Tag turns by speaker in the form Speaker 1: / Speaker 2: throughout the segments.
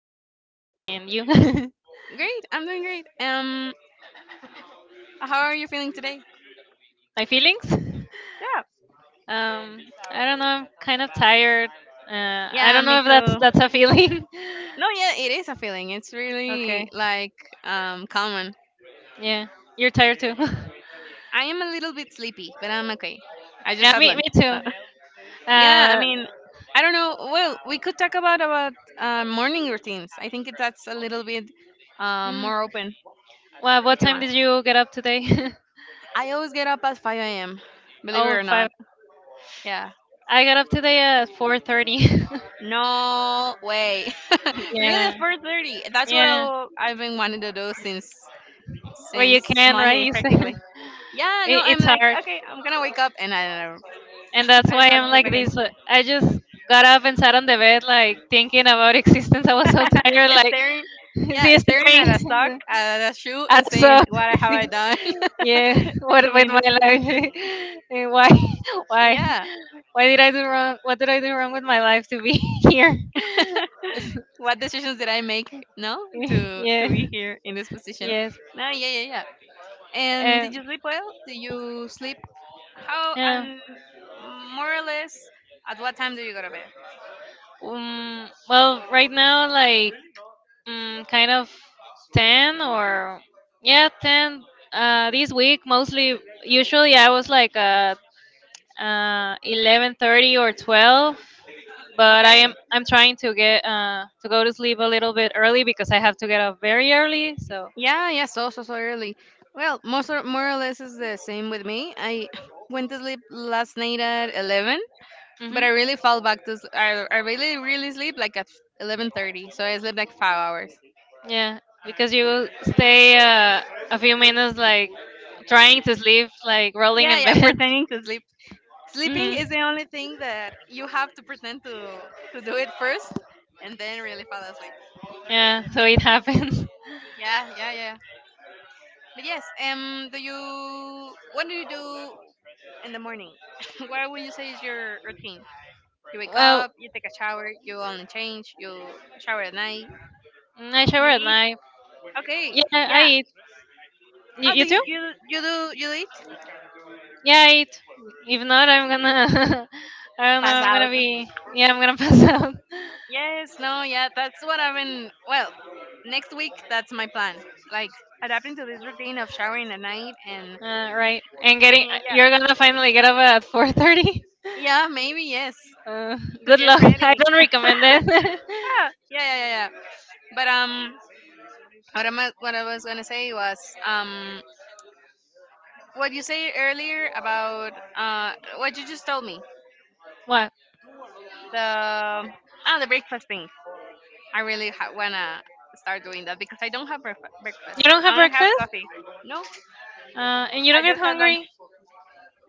Speaker 1: I'm fine, and you?
Speaker 2: Great. I'm doing great. How are you feeling today?
Speaker 1: My feelings?
Speaker 2: Yeah.
Speaker 1: Um, I don't know. I'm kind of tired. I
Speaker 2: Yeah,
Speaker 1: don't
Speaker 2: me
Speaker 1: know if that's
Speaker 2: too.
Speaker 1: that's a feeling.
Speaker 2: No, yeah, it is a feeling. It's
Speaker 1: okay.
Speaker 2: really like common.
Speaker 1: Yeah, you're tired too.
Speaker 2: I am a little bit sleepy, but I'm okay. I just
Speaker 1: yeah,
Speaker 2: had
Speaker 1: me
Speaker 2: lunch.
Speaker 1: too.
Speaker 2: So. Yeah, I
Speaker 1: Uh,
Speaker 2: mean, I don't know. Well, we could talk about morning routines. I think that's a little bit
Speaker 1: mm,
Speaker 2: more open
Speaker 1: well, what
Speaker 2: if you
Speaker 1: time
Speaker 2: want.
Speaker 1: did you get up today?
Speaker 2: I always get up at 5 a.m. Believe it
Speaker 1: oh,
Speaker 2: or
Speaker 1: five.
Speaker 2: not. Yeah.
Speaker 1: I got up today at 4:30.
Speaker 2: No way. Really,
Speaker 1: yeah,
Speaker 2: at 4:30. That's what
Speaker 1: yeah.
Speaker 2: I've been wanting to do since
Speaker 1: Well,
Speaker 2: since
Speaker 1: you can, right?
Speaker 2: Monday,
Speaker 1: You said
Speaker 2: practically. Yeah, no, I'm
Speaker 1: it's
Speaker 2: like,
Speaker 1: hard.
Speaker 2: okay, I'm gonna wake up, and I don't know.
Speaker 1: And that's
Speaker 2: I
Speaker 1: why
Speaker 2: fall
Speaker 1: I'm
Speaker 2: asleep
Speaker 1: like
Speaker 2: again.
Speaker 1: this. Like, I just got up and sat on the bed, like thinking about existence. I was so tired, like,
Speaker 2: Staring, yeah,
Speaker 1: sí,
Speaker 2: staring at a sock,
Speaker 1: staring
Speaker 2: at a shoe,
Speaker 1: at
Speaker 2: and saying,
Speaker 1: so,
Speaker 2: "What
Speaker 1: sí,
Speaker 2: have I done
Speaker 1: yeah, what
Speaker 2: to be
Speaker 1: with
Speaker 2: in this
Speaker 1: my
Speaker 2: position?"
Speaker 1: life? Eh, why, why,
Speaker 2: Yeah,
Speaker 1: why did I do wrong? What did I do wrong with my life to be here? It's-
Speaker 2: what decisions did I make? No, to
Speaker 1: yeah,
Speaker 2: to be here in this position.
Speaker 1: yes,
Speaker 2: No, yeah, yeah, yeah. And did
Speaker 1: and
Speaker 2: you sleep well? Did you sleep, how,
Speaker 1: yeah.
Speaker 2: and more or less, at what time do you go to bed?
Speaker 1: Well, right now, like. Kind of 10 or yeah 10 this week mostly usually I was like 11:30 or 12 but I
Speaker 2: Okay.
Speaker 1: am I'm trying to get to go to sleep a little bit early because I have to get up very early so
Speaker 2: Yeah, yeah, so early. Well, more or less is the same with me. I went to sleep last night at 11, but
Speaker 1: hmm
Speaker 2: I really fall back I really sleep like at 11:30. So I sleep like 5 hours.
Speaker 1: yeah because you stay a few minutes like trying to sleep like rolling
Speaker 2: Yeah,
Speaker 1: in
Speaker 2: yeah,
Speaker 1: bed
Speaker 2: pretending to sleep. Sleeping
Speaker 1: hmm
Speaker 2: is the only thing that you have to pretend to do it first, and then really fall asleep.
Speaker 1: Yeah, so it happens.
Speaker 2: Yeah, yeah, yeah. But yes, do you what do you do in the morning? What would you say is your routine? You wake
Speaker 1: Well,
Speaker 2: up, you take a shower, you only change, you shower at night,
Speaker 1: I shower
Speaker 2: you
Speaker 1: at
Speaker 2: eat.
Speaker 1: night.
Speaker 2: Okay,
Speaker 1: Yeah, I
Speaker 2: yeah.
Speaker 1: eat. You,
Speaker 2: Oh,
Speaker 1: you
Speaker 2: do
Speaker 1: too?
Speaker 2: you you, you do you eat?
Speaker 1: Yeah, eat. If not, I'm gonna. I don't know.
Speaker 2: Pass
Speaker 1: I'm gonna
Speaker 2: out.
Speaker 1: be. Yeah, I'm gonna pass out.
Speaker 2: Yes, no, yeah. That's what I've been. Well, next week that's my plan. Like adapting to this routine of showering at night and
Speaker 1: Right. And getting.
Speaker 2: yeah,
Speaker 1: You're gonna finally get up at 4:30.
Speaker 2: yeah, maybe yes
Speaker 1: Uh,
Speaker 2: to
Speaker 1: good
Speaker 2: get
Speaker 1: luck. I
Speaker 2: ready.
Speaker 1: don't recommend it.
Speaker 2: Ah, yeah, yeah, yeah, yeah. But what I was gonna say was, um, what you say earlier about what you just told me,
Speaker 1: what?
Speaker 2: the the breakfast thing. I really wanna start doing that because I don't have breakfast.
Speaker 1: You don't have
Speaker 2: I only have
Speaker 1: breakfast?
Speaker 2: coffee. No, I
Speaker 1: And you don't get
Speaker 2: just had lunch.
Speaker 1: hungry?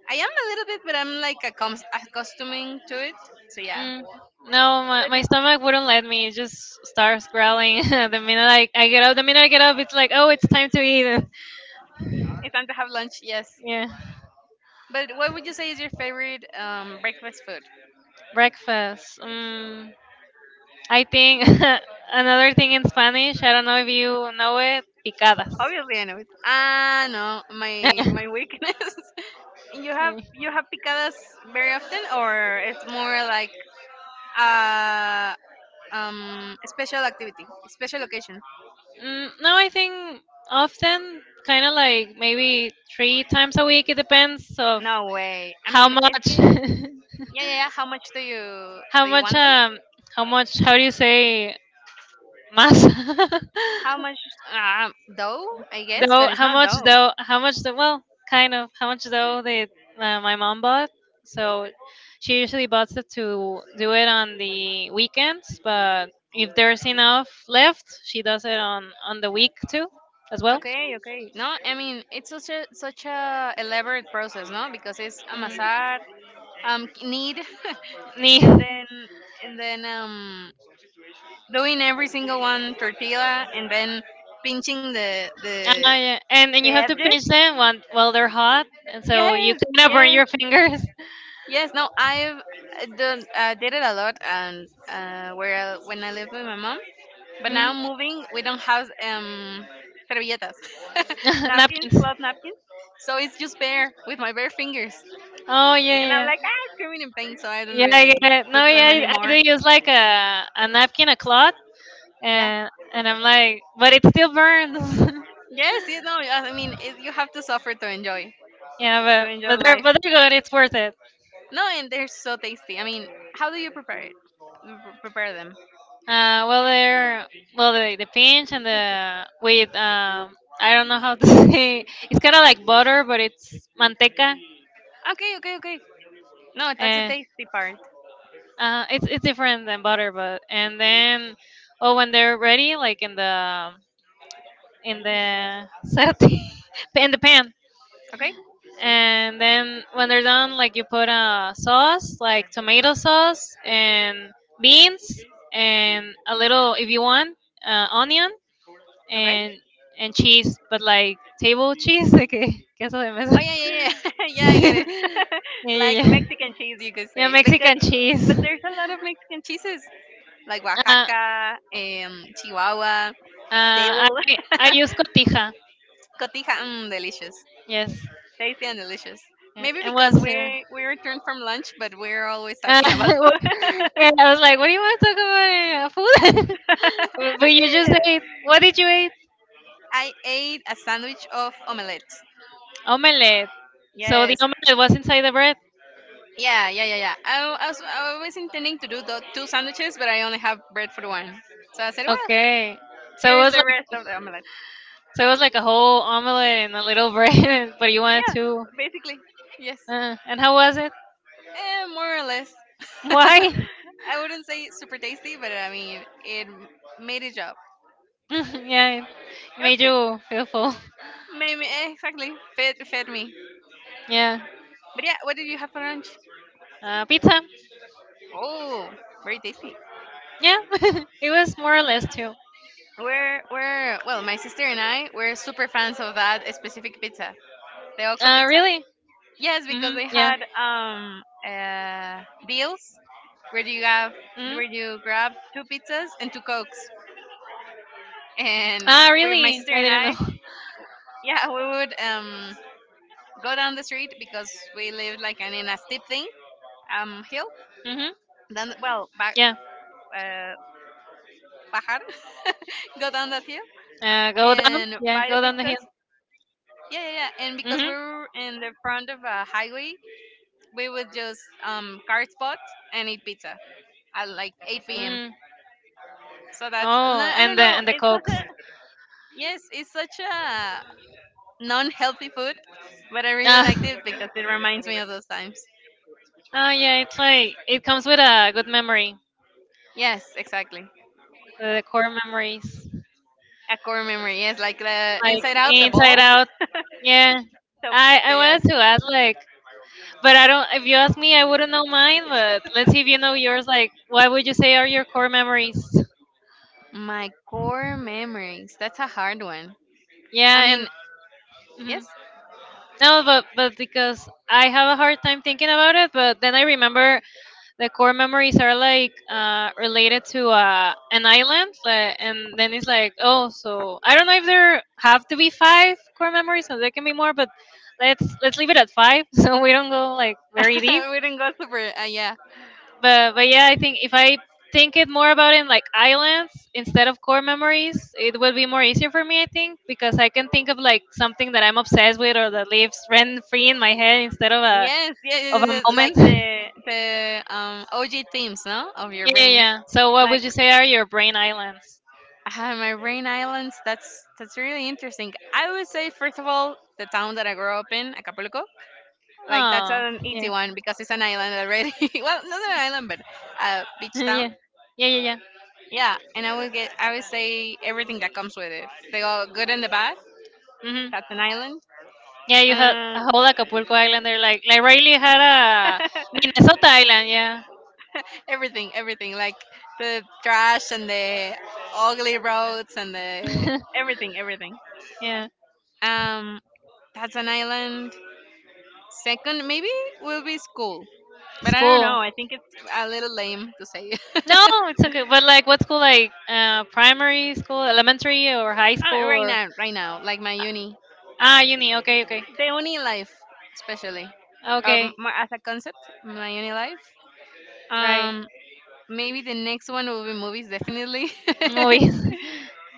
Speaker 2: I am a little bit, but I'm like accustoming to it. So yeah,
Speaker 1: Mm, no,
Speaker 2: but
Speaker 1: my stomach wouldn't let me. It just starts growling. the minute I get up, the minute I get up, it's like, oh, it's time to eat.
Speaker 2: it's time to have lunch. Yes.
Speaker 1: yeah,
Speaker 2: But what would you say is your favorite breakfast food?
Speaker 1: breakfast. Mm, I think another thing in Spanish, I don't know if you know it, picadas.
Speaker 2: Obviously, I know it. Ah, no, my weakness. You have
Speaker 1: Eh.
Speaker 2: you have picadas very often, or it's more like a special activity, special occasion.
Speaker 1: Mm, no, I think often, kind of like maybe three times a week. It depends of
Speaker 2: No way. I
Speaker 1: how
Speaker 2: mean, it's
Speaker 1: much,
Speaker 2: que, yeah, yeah, yeah. How much do you
Speaker 1: how
Speaker 2: do you
Speaker 1: much,
Speaker 2: want them?
Speaker 1: how much, how do you say, masa?
Speaker 2: How much dough? I guess,
Speaker 1: Though
Speaker 2: but it's
Speaker 1: how
Speaker 2: not
Speaker 1: much
Speaker 2: dough.
Speaker 1: though how much though well kind of how much though they my mom bought so she usually bought stuff to do it on the weekends but if there's enough left she does it on the week too as well.
Speaker 2: Okay, okay. No, I mean it's such a elaborate process, no? Because it's
Speaker 1: Mm.
Speaker 2: amasar, knead,
Speaker 1: Ni-
Speaker 2: and then and then doing every single one tortilla, and then pinching the
Speaker 1: Ah, yeah. And you have
Speaker 2: Saved
Speaker 1: to
Speaker 2: it?
Speaker 1: pinch them while they're hot and so you
Speaker 2: Yes,
Speaker 1: kind of burn
Speaker 2: yes.
Speaker 1: your fingers.
Speaker 2: Yes, no, I've done did it a lot, and when I live with my mom. But
Speaker 1: Hmm
Speaker 2: now moving, we don't have servilletas. Napkins,
Speaker 1: Napkins.
Speaker 2: cloth napkins. So it's just bare with my bare fingers,
Speaker 1: Oh yeah,
Speaker 2: and I'm
Speaker 1: yeah,
Speaker 2: like screaming in pain, so I don't
Speaker 1: yeah. Yeah,
Speaker 2: really
Speaker 1: yeah. No,
Speaker 2: cook them
Speaker 1: yeah. I do
Speaker 2: anymore.
Speaker 1: use like a napkin, a cloth,
Speaker 2: Yeah.
Speaker 1: and I'm like, but it still burns.
Speaker 2: Yes, I mean, it, you have to suffer to enjoy,
Speaker 1: yeah,
Speaker 2: to
Speaker 1: but
Speaker 2: enjoy
Speaker 1: but they're
Speaker 2: life.
Speaker 1: but they're good. It's worth it.
Speaker 2: No, and they're so tasty. I mean, how do you prepare it? Prepare them.
Speaker 1: Well, the pinch and the with I don't know how to say it's kind of like butter, but it's manteca.
Speaker 2: Okay, okay, okay. No, that's the
Speaker 1: Uh,
Speaker 2: tasty part.
Speaker 1: it's different than butter, but and then oh when they're ready, like in the set in the pan,
Speaker 2: Okay?
Speaker 1: and then when they're done, like you put a sauce, like tomato sauce and beans and a little if you want onion
Speaker 2: Okay?
Speaker 1: and and cheese, but like table cheese, like que queso de mesa.
Speaker 2: Oh yeah, yeah, yeah. Yeah, I get
Speaker 1: yeah,
Speaker 2: it. Like
Speaker 1: yeah, yeah.
Speaker 2: Mexican cheese you could
Speaker 1: Yeah,
Speaker 2: say. Because
Speaker 1: Mexican
Speaker 2: but
Speaker 1: cheese.
Speaker 2: there's a lot of Mexican cheeses. Like
Speaker 1: Uh,
Speaker 2: Oaxaca, Chihuahua,
Speaker 1: I
Speaker 2: Table,
Speaker 1: I use cotija.
Speaker 2: Cotija, delicious.
Speaker 1: Yes.
Speaker 2: Tasty and delicious.
Speaker 1: Yeah.
Speaker 2: Maybe
Speaker 1: And
Speaker 2: because
Speaker 1: what's your?
Speaker 2: we returned from lunch, but we're always
Speaker 1: Uh,
Speaker 2: talking about food.
Speaker 1: yeah, I was like, what do you want to talk about? Uh, food? But you
Speaker 2: Okay.
Speaker 1: just ate. What did you eat?
Speaker 2: I ate a sandwich of omelette.
Speaker 1: Omelette. So the
Speaker 2: Yes,
Speaker 1: omelette was inside the bread.
Speaker 2: yeah, yeah, yeah, yeah. I was intending to do the two sandwiches, but I only have bread for the one. So I said, well,
Speaker 1: Okay. So it
Speaker 2: here's
Speaker 1: was
Speaker 2: the rest
Speaker 1: like
Speaker 2: of the omelette.
Speaker 1: so it was like a whole omelette and a little bread, but you wanted
Speaker 2: Yeah,
Speaker 1: two.
Speaker 2: basically. Yes.
Speaker 1: And how was it?
Speaker 2: More or less.
Speaker 1: Why?
Speaker 2: I wouldn't say super tasty, but I mean, made a job.
Speaker 1: yeah, it
Speaker 2: It was
Speaker 1: made
Speaker 2: good.
Speaker 1: you feel full.
Speaker 2: Made me, exactly. Fed me.
Speaker 1: Yeah.
Speaker 2: But yeah, what did you have for lunch?
Speaker 1: Pizza.
Speaker 2: Oh, very tasty.
Speaker 1: Yeah, it was more or less too.
Speaker 2: Well, my sister and I, we're super fans of that specific pizza. The Oxo pizza.
Speaker 1: Really?
Speaker 2: Yes, because
Speaker 1: Hmm
Speaker 2: they
Speaker 1: Yeah.
Speaker 2: had deals where you have
Speaker 1: hmm
Speaker 2: where you grab two pizzas and two cokes, and
Speaker 1: Ah,
Speaker 2: where my
Speaker 1: really?
Speaker 2: sister
Speaker 1: I
Speaker 2: and
Speaker 1: didn't
Speaker 2: I,
Speaker 1: know.
Speaker 2: yeah, we would go down the street because we lived in a steep thing, hill.
Speaker 1: hmm
Speaker 2: Then well back
Speaker 1: Yeah.
Speaker 2: uh bajar, go down that hill
Speaker 1: Go down.
Speaker 2: and
Speaker 1: Yeah,
Speaker 2: buy the
Speaker 1: go down the
Speaker 2: pizzas.
Speaker 1: hill.
Speaker 2: Yeah, yeah, yeah. And because we
Speaker 1: Hmm
Speaker 2: were in the front of a highway, we would just car spot and eat pizza at like 8 p.m.
Speaker 1: Mm.
Speaker 2: So that's and
Speaker 1: Oh,
Speaker 2: I don't know.
Speaker 1: and the
Speaker 2: It's such
Speaker 1: cokes.
Speaker 2: a yes. It's such a non-healthy food, but I really
Speaker 1: Ah.
Speaker 2: liked it because it reminds me of those times.
Speaker 1: Oh yeah, it's like it comes with a good memory,
Speaker 2: Yes, exactly.
Speaker 1: the core memories.
Speaker 2: A core memory. Yes, like the
Speaker 1: Like
Speaker 2: Inside Out, the ball.
Speaker 1: Inside Out. Yeah. I
Speaker 2: So yes,
Speaker 1: wanted to ask like but I don't if you ask me I wouldn't know mine but let's see if you know yours like what would you say are your core memories
Speaker 2: my core memories. That's a hard one. I
Speaker 1: yeah and
Speaker 2: mean,
Speaker 1: mhm.
Speaker 2: yes,
Speaker 1: No but but because I have a hard time thinking about it but then I remember the core memories are like related to an island like, and then it's like oh so I don't know if there have to be five core memories or there can be more but let's leave it at five so we don't go like very deep
Speaker 2: we didn't go super. Yeah.
Speaker 1: but yeah, I think if I think it more about it in like islands instead of core memories, it will be more easier for me. I think because I can think of like something that I'm obsessed with or that lives rent free in my head instead
Speaker 2: Yes, yes, yes,
Speaker 1: of a
Speaker 2: yes, yes, like
Speaker 1: moment. yeah,
Speaker 2: the OG themes, no, of your
Speaker 1: yeah,
Speaker 2: brain.
Speaker 1: yeah. So what
Speaker 2: Like
Speaker 1: would you say are your brain islands?
Speaker 2: My rain islands. That's really interesting. I would say first of all the town that I grew up in, Acapulco. Like that's
Speaker 1: Oh,
Speaker 2: an easy
Speaker 1: yeah,
Speaker 2: one because it's an island already. Well, not an island, but a beach
Speaker 1: yeah,
Speaker 2: town.
Speaker 1: yeah, yeah, yeah.
Speaker 2: Yeah, and I would say everything that comes with it. They all good and the bad.
Speaker 1: hmm
Speaker 2: That's an island.
Speaker 1: Yeah, you had a
Speaker 2: Uh,
Speaker 1: whole Acapulco island there, like Riley had a Minnesota island. Yeah,
Speaker 2: Everything, everything like the trash and the ugly roads and the everything, everything.
Speaker 1: yeah,
Speaker 2: Um, that's an island. Second, maybe will be school. But
Speaker 1: it's
Speaker 2: I don't know.
Speaker 1: cool.
Speaker 2: I think it's a little lame to say it.
Speaker 1: No, it's okay. But like, what school? Like, primary school, elementary, or high school,
Speaker 2: Right
Speaker 1: or
Speaker 2: now, right now, like my
Speaker 1: uh,
Speaker 2: uni,
Speaker 1: ah, uni. Okay, okay,
Speaker 2: the uni life, especially,
Speaker 1: okay,
Speaker 2: more as a concept, my uni life.
Speaker 1: right.
Speaker 2: Um, Maybe the next one will be movies, definitely.
Speaker 1: Movies,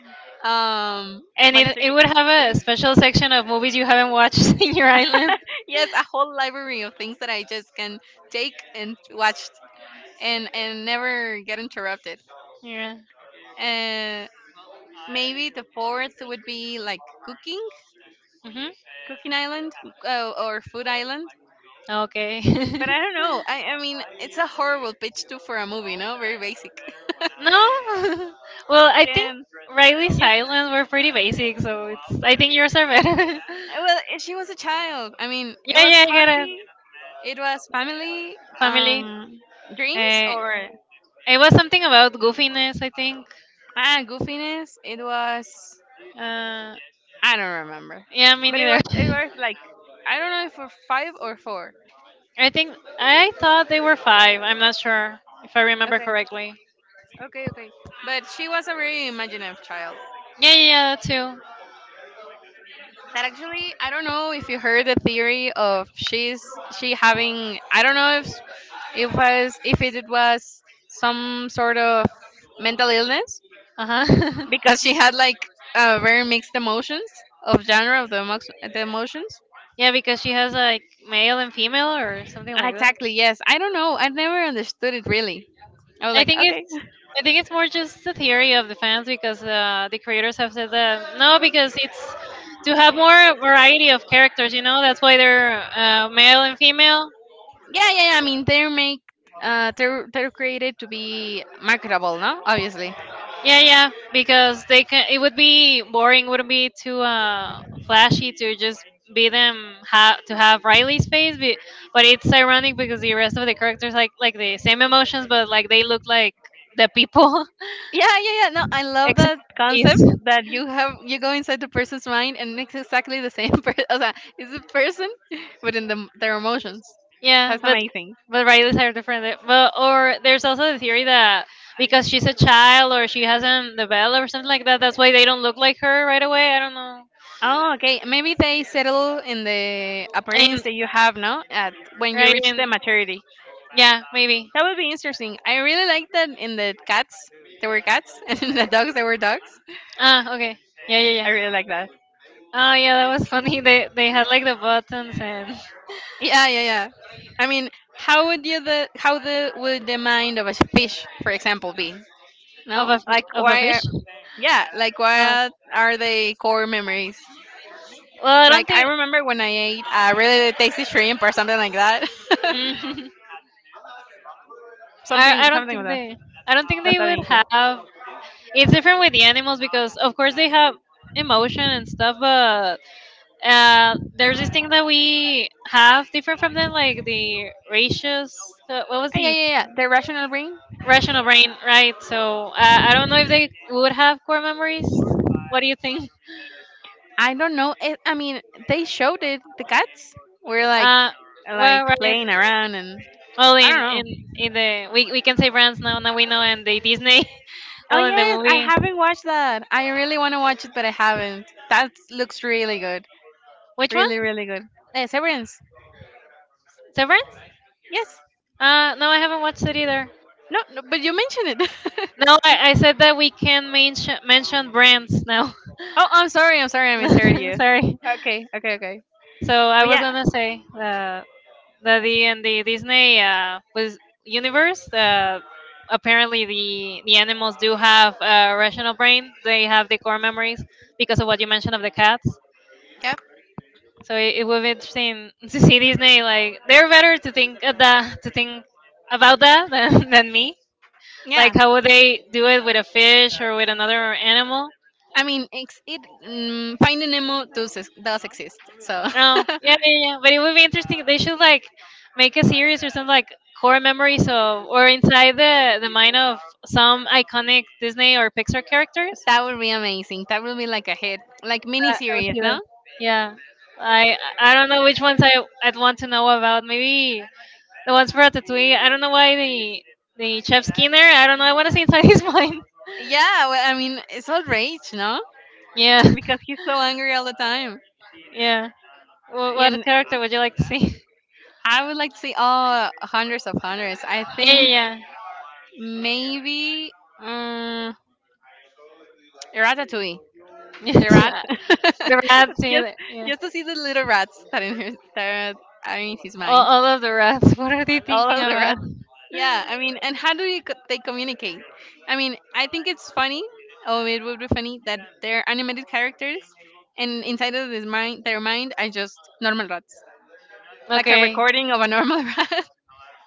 Speaker 2: um,
Speaker 1: and
Speaker 2: one,
Speaker 1: it
Speaker 2: three,
Speaker 1: would have
Speaker 2: three.
Speaker 1: a special section of movies you haven't watched in your island.
Speaker 2: Yes, a whole library of things that I just can take and watch, and never get interrupted.
Speaker 1: Yeah.
Speaker 2: And maybe the fourth would be like cooking,
Speaker 1: Mhm.
Speaker 2: cooking island, or food island.
Speaker 1: Okay.
Speaker 2: But I don't know. I mean, it's a horrible pitch too for a movie, no? Very basic.
Speaker 1: No. well, I think
Speaker 2: And
Speaker 1: Riley's
Speaker 2: yeah,
Speaker 1: Island were pretty basic, so it's. I think yours are better.
Speaker 2: well, she was a child. I mean, it
Speaker 1: yeah,
Speaker 2: was
Speaker 1: yeah, I got it.
Speaker 2: hockey, it was family,
Speaker 1: Family.
Speaker 2: dreams,
Speaker 1: Uh,
Speaker 2: or
Speaker 1: it was something about goofiness, I think.
Speaker 2: goofiness. It was
Speaker 1: Uh,
Speaker 2: I don't remember,
Speaker 1: yeah, me
Speaker 2: but it
Speaker 1: neither.
Speaker 2: was it was like I don't know if for five or four.
Speaker 1: I think I thought they were five. I'm not sure if I remember
Speaker 2: Okay,
Speaker 1: correctly.
Speaker 2: okay, okay. But she was a very imaginative child.
Speaker 1: Yeah, yeah, yeah, that too.
Speaker 2: That actually, I don't know if you heard the theory of she having. I don't know if it was some sort of mental illness
Speaker 1: Uh huh.
Speaker 2: because she had like very mixed emotions of genre of the emotions.
Speaker 1: yeah, because she has like male and female or something
Speaker 2: Ah,
Speaker 1: like that.
Speaker 2: exactly. Yes. I don't know. I never understood it really. I was
Speaker 1: I
Speaker 2: like,
Speaker 1: think
Speaker 2: okay.
Speaker 1: it's
Speaker 2: Yeah,
Speaker 1: I think it's more just the theory of the fans because the creators have said that no, because it's to have more variety of characters. You know, that's why they're male and female.
Speaker 2: yeah. Yeah, I mean, they're created to be marketable, no? Obviously.
Speaker 1: Yeah, yeah, because they can. It would be boring. Wouldn't be too flashy to just to have Riley's face. But it's ironic because the rest of the characters like the same emotions, but like they look like the people
Speaker 2: Yeah, yeah, yeah. No, I love
Speaker 1: except
Speaker 2: that concept
Speaker 1: Riley's.
Speaker 2: that you go inside the person's mind and makes exactly the same person. O sea, it's a person, but their emotions.
Speaker 1: Yeah,
Speaker 2: That's amazing.
Speaker 1: but Riley's are different. But or there's also the theory that because she's a child or she hasn't developed or something like that, that's why they don't look like her right away. I don't know.
Speaker 2: Oh, okay. Maybe they settle in the
Speaker 1: And
Speaker 2: appearance that you have, no? At when you
Speaker 1: right
Speaker 2: reach
Speaker 1: and
Speaker 2: the maturity.
Speaker 1: yeah, maybe.
Speaker 2: That would be interesting. I really like that in the cats, there were cats, and in the dogs, there were dogs.
Speaker 1: Ah, okay. Yeah, yeah,
Speaker 2: I
Speaker 1: yeah.
Speaker 2: really like that.
Speaker 1: Oh, yeah, that was funny. They had like the buttons and
Speaker 2: Yeah, yeah, yeah. I mean, how would you the how the would the mind of a fish, for example, be?
Speaker 1: of a
Speaker 2: No,
Speaker 1: f-
Speaker 2: like
Speaker 1: of a
Speaker 2: why?
Speaker 1: fish.
Speaker 2: Yeah, like
Speaker 1: Ah,
Speaker 2: what are the core memories?
Speaker 1: well, I don't
Speaker 2: Like I
Speaker 1: think.
Speaker 2: remember when I ate a really tasty shrimp or something like that.
Speaker 1: Mm, I
Speaker 2: Something,
Speaker 1: I don't
Speaker 2: something of
Speaker 1: think
Speaker 2: that.
Speaker 1: they. I don't think
Speaker 2: That's
Speaker 1: they
Speaker 2: that
Speaker 1: would
Speaker 2: nature.
Speaker 1: have. It's different with the animals because, of course, they have emotion and stuff. But there's this thing that we have different from them, like the ratios. What was
Speaker 2: Yeah,
Speaker 1: the
Speaker 2: yeah, yeah. The rational brain.
Speaker 1: rational brain, right? So I don't know if they would have core memories. What do you think?
Speaker 2: I don't know. I mean, they showed it. The cats were like,
Speaker 1: Uh, Well, right.
Speaker 2: playing around, and
Speaker 1: Well,
Speaker 2: I don't
Speaker 1: in in
Speaker 2: know.
Speaker 1: in the we can say brands now. Now we know, and the Disney.
Speaker 2: Oh
Speaker 1: well, in the
Speaker 2: yes, I
Speaker 1: movie,
Speaker 2: haven't watched that. I really want to watch it, but I haven't. That looks really good.
Speaker 1: which one?
Speaker 2: Really, really good. Severance.
Speaker 1: Severance?
Speaker 2: Yes.
Speaker 1: No, I haven't watched it either.
Speaker 2: No, no, but you mentioned it.
Speaker 1: No, I said that we can mention brands now.
Speaker 2: Oh, I'm sorry. I'm sorry. I misheard you.
Speaker 1: Sorry.
Speaker 2: Okay. Okay. Okay.
Speaker 1: So I
Speaker 2: But
Speaker 1: was
Speaker 2: yeah.
Speaker 1: gonna say that the and the Disney was universe. Apparently, the animals do have a rational brain. They have the core memories because of what you mentioned of the cats.
Speaker 2: Yep.
Speaker 1: So it would be interesting to see Disney like they're better to think about that than, than me. Like
Speaker 2: Yeah.
Speaker 1: how would they do it with a fish or with another animal?
Speaker 2: I mean, Finding Nemo does exist, so
Speaker 1: No, yeah, yeah, yeah. But it would be interesting. They should like make a series or something like core memories of or inside the mind of some iconic Disney or Pixar characters.
Speaker 2: that would be amazing. That would be like a hit, like
Speaker 1: I would
Speaker 2: miniseries,
Speaker 1: see that.
Speaker 2: no?
Speaker 1: Yeah. I don't know which ones I'd want to know about. Maybe the ones for Ratatouille. I don't know why the Chef Skinner. I don't know. I want to see inside his mind.
Speaker 2: Yeah. Well, I mean, it's all rage, no?
Speaker 1: Yeah,
Speaker 2: Because he's so angry all the time,
Speaker 1: yeah. What
Speaker 2: and
Speaker 1: character would you like to see?
Speaker 2: I would like to see all hundreds of hundreds. I
Speaker 1: Yeah,
Speaker 2: think
Speaker 1: yeah,
Speaker 2: maybe um, Ratatouille.
Speaker 1: yeah. Yeah,
Speaker 2: The rat.
Speaker 1: the rats.
Speaker 2: just,
Speaker 1: Yeah.
Speaker 2: just to see the little rats that are in his mind.
Speaker 1: All of the rats. What are they
Speaker 2: All
Speaker 1: thinking
Speaker 2: of the
Speaker 1: about?
Speaker 2: rats. Yeah, I mean, and how do you, co- they communicate? I mean, I think it's funny. Oh, it would be funny that they're animated characters, and inside of their mind are just normal rats, like a
Speaker 1: Okay.
Speaker 2: recording of a normal rat,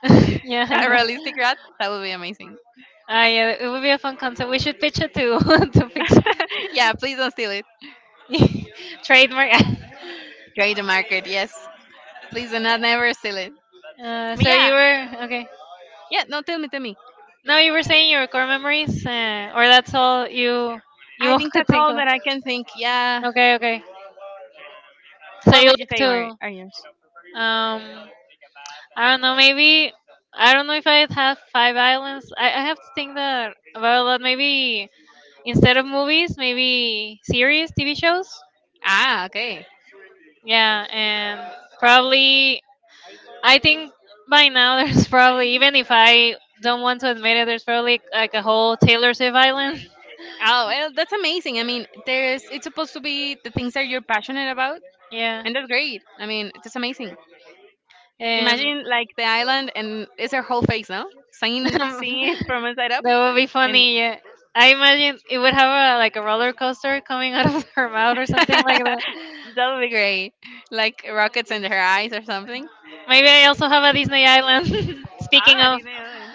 Speaker 1: yeah, I
Speaker 2: a
Speaker 1: know.
Speaker 2: realistic rat. That would be amazing.
Speaker 1: Ah, yeah. It would be a fun concept. We should pitch it to to Pixar.
Speaker 2: yeah, please don't steal it.
Speaker 1: Trademark.
Speaker 2: Trade the market, yes. Please do not never steal it. But
Speaker 1: So
Speaker 2: yeah,
Speaker 1: you were okay.
Speaker 2: yeah. No, tell me, tell me.
Speaker 1: No, You were saying your core memories, or that's all you
Speaker 2: I
Speaker 1: you
Speaker 2: think
Speaker 1: could
Speaker 2: that's
Speaker 1: think
Speaker 2: all
Speaker 1: of.
Speaker 2: that I can think. Yeah.
Speaker 1: Okay, okay. So
Speaker 2: What
Speaker 1: you
Speaker 2: would you
Speaker 1: like
Speaker 2: say were
Speaker 1: to
Speaker 2: are yours?
Speaker 1: um I don't know, maybe I don't know if I have five islands. I have to think that about that. Maybe instead of movies, maybe series, TV shows.
Speaker 2: Ah, okay.
Speaker 1: Yeah, and probably I think by now there's probably, even if I don't want to admit it, there's probably like a whole Taylor Swift island.
Speaker 2: Oh, well, that's amazing. I mean, there's it's supposed to be the things that you're passionate about,
Speaker 1: Yeah,
Speaker 2: and that's great. I mean, that's amazing.
Speaker 1: and
Speaker 2: Imagine like the island and it's her whole face, no? Seeing seeing it from inside up,
Speaker 1: that would be
Speaker 2: and
Speaker 1: funny. Yeah, I imagine it would have a like a roller coaster coming out of her mouth or something like that.
Speaker 2: that would be great. Like rockets in her eyes or something.
Speaker 1: Maybe I also have a Disney island. Speaking
Speaker 2: Ah, I
Speaker 1: of,
Speaker 2: didn't know it.